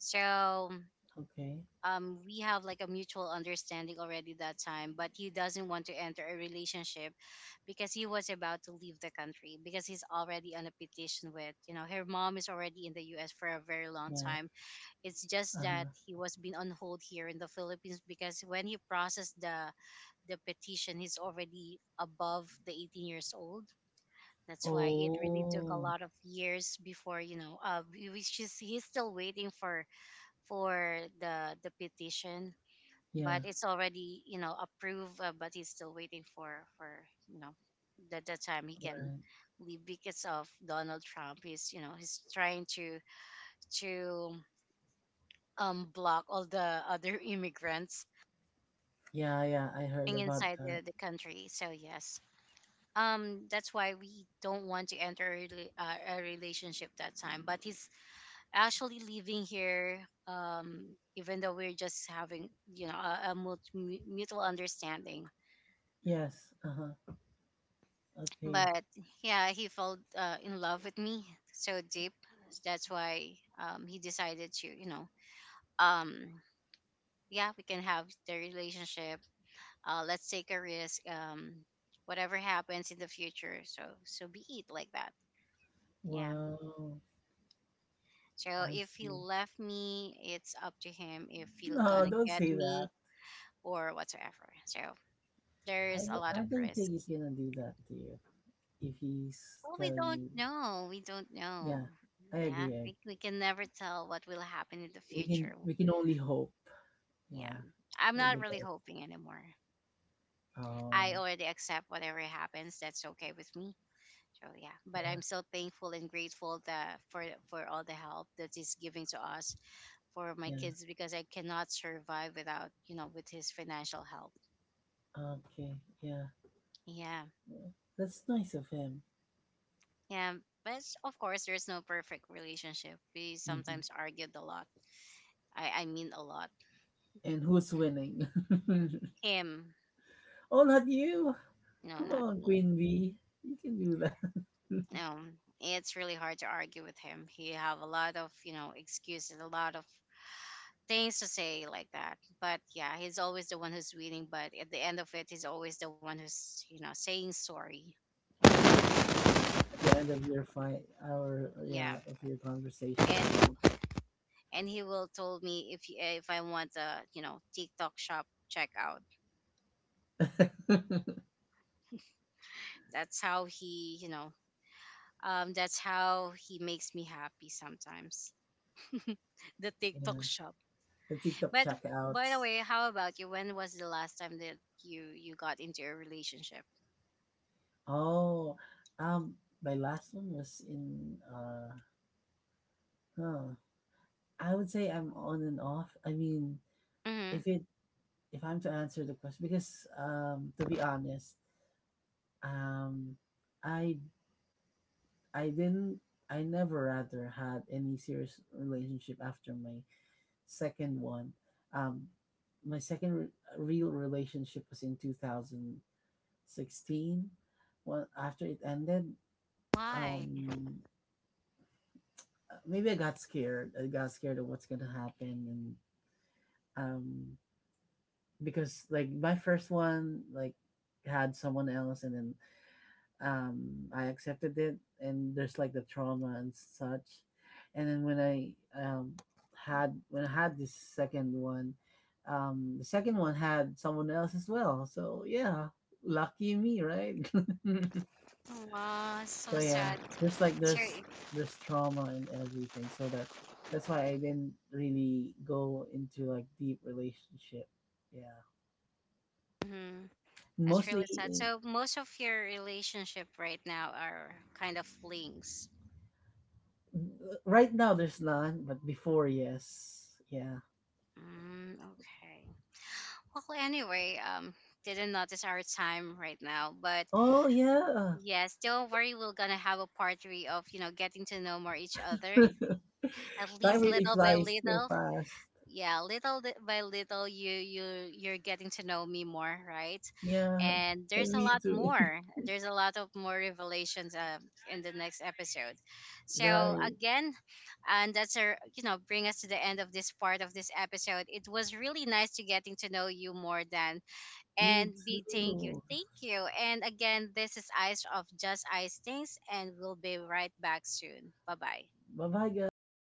S1: so
S2: okay.
S1: we have like a mutual understanding already that time, but he doesn't want to enter a relationship because he was about to leave the country, because he's already on a petition with, you know, her mom is already in the US for a very long
S2: Yeah.
S1: time. It's just that
S2: Uh-huh.
S1: he was being on hold here in the Philippines because when he processed the petition, he's already above the 18 years old. That's why it really took a
S2: Oh,
S1: lot of years before, which is he's still waiting for the petition,
S2: yeah.
S1: but it's already, you know, approved. But he's still waiting for, you know, the time he can
S2: Right.
S1: leave because of Donald Trump. He's, you know, he's trying to block all the other [LAUGHS] immigrants
S2: Yeah, yeah. I heard
S1: being
S2: about
S1: inside
S2: that.
S1: the country. So yes, that's why we don't want to enter a relationship that time, but he's actually living here, um even though we're just having, you know, mutual understanding.
S2: Yes. Uh-huh. Okay.
S1: But yeah, he fell, in love with me so deep. That's why he decided to, you know, um yeah, we can have the relationship. Let's take a risk, whatever happens in the future, so so be it like that. Yeah,
S2: Wow.
S1: so
S2: I
S1: if he
S2: see.
S1: left me, it's up to him if he'll
S2: No,
S1: gonna
S2: don't
S1: get
S2: say that.
S1: me or whatsoever. So
S2: I
S1: there's a
S2: don't.
S1: lot
S2: I
S1: of
S2: don't think
S1: risk.
S2: he's gonna do that to you if he's
S1: Well, we
S2: telling
S1: don't
S2: you.
S1: know. We don't
S2: Yeah,
S1: know.
S2: I
S1: Yeah,
S2: agree. I agree.
S1: we can never tell what will happen in the future.
S2: We can only hope.
S1: Yeah,
S2: Yeah,
S1: I'm
S2: for
S1: not
S2: the
S1: really
S2: best.
S1: hoping anymore. I
S2: Oh,
S1: already accept whatever happens. That's okay with me. So yeah, but
S2: yeah,
S1: I'm so thankful and grateful that for all the help that is giving to us, for my
S2: yeah.
S1: kids, because I cannot survive without, you know, with his financial help.
S2: Okay, yeah.
S1: Yeah,
S2: Yeah. That's nice of him.
S1: yeah. But of course, there's no perfect relationship. We
S2: Hmm.
S1: sometimes argued a lot. I mean, a lot.
S2: And who's winning? [LAUGHS]
S1: Him,
S2: oh, not you.
S1: no,
S2: Come
S1: not
S2: on,
S1: me.
S2: Queen Bee. You can do that. [LAUGHS]
S1: No, it's really hard to argue with him. He have a lot of, you know, excuses, a lot of things to say like that. But yeah, he's always the one who's winning. But at the end of it, he's always the one who's, you know, saying sorry.
S2: At the end of your fight, our
S1: Yeah,
S2: yeah, of your conversation. I mean,
S1: and and he will told me if he- if I want a, you know, TikTok shop checkout. That's how he, you know, that's how he makes me happy sometimes. [LAUGHS] The
S2: yeah,
S1: TikTok shop.
S2: the TikTok
S1: But by the
S2: checkouts.
S1: way, how about you? When was the last time that you got into a relationship?
S2: Oh, um, my last one was in huh. I would say I'm on and off. I mean,
S1: Mm-hmm.
S2: if it if I'm to answer the question, because to be honest, um, I I didn't I never rather had any serious relationship after my second one. Um, my second real relationship was in 2016. Well, after it ended,
S1: Why?
S2: um, maybe I got scared. I got scared of what's gonna happen, and because like my first one, like had someone else, and then I accepted it and there's like the trauma and such and then when I um had when I had this second one the second one had someone else as well so yeah lucky me right [LAUGHS] so
S1: Wow, so
S2: yeah
S1: sad.
S2: there's like
S1: Sorry.
S2: there's trauma and everything so that that's why I didn't really go into like deep relationship yeah
S1: Mm-hmm. That's
S2: mostly
S1: really sad. So most of your relationship right now are kind of flings.
S2: right now there's none but before yes yeah.
S1: Mm, okay. Well, anyway, didn't notice our time right now, but
S2: Oh yeah.
S1: yes, don't worry. We're gonna have a part 3 of, you know, getting to know more each other, at
S2: [LAUGHS] Time
S1: least
S2: really
S1: little by
S2: flies so
S1: little.
S2: fast.
S1: Yeah, little by little, you you're getting to know me more, right?
S2: Yeah.
S1: And there's
S2: And
S1: a
S2: me
S1: lot
S2: too. [LAUGHS]
S1: more, there's a lot of more revelations, in the next episode. So
S2: Right.
S1: again, and that's our, you know, bring us to the end of this part of this episode. It was really nice to getting to know you more than, and
S2: You
S1: big thank you,
S2: too.
S1: thank you, and again, this is Ice of Just Ice Things, and we'll be right back soon. Bye bye.
S2: Bye bye guys.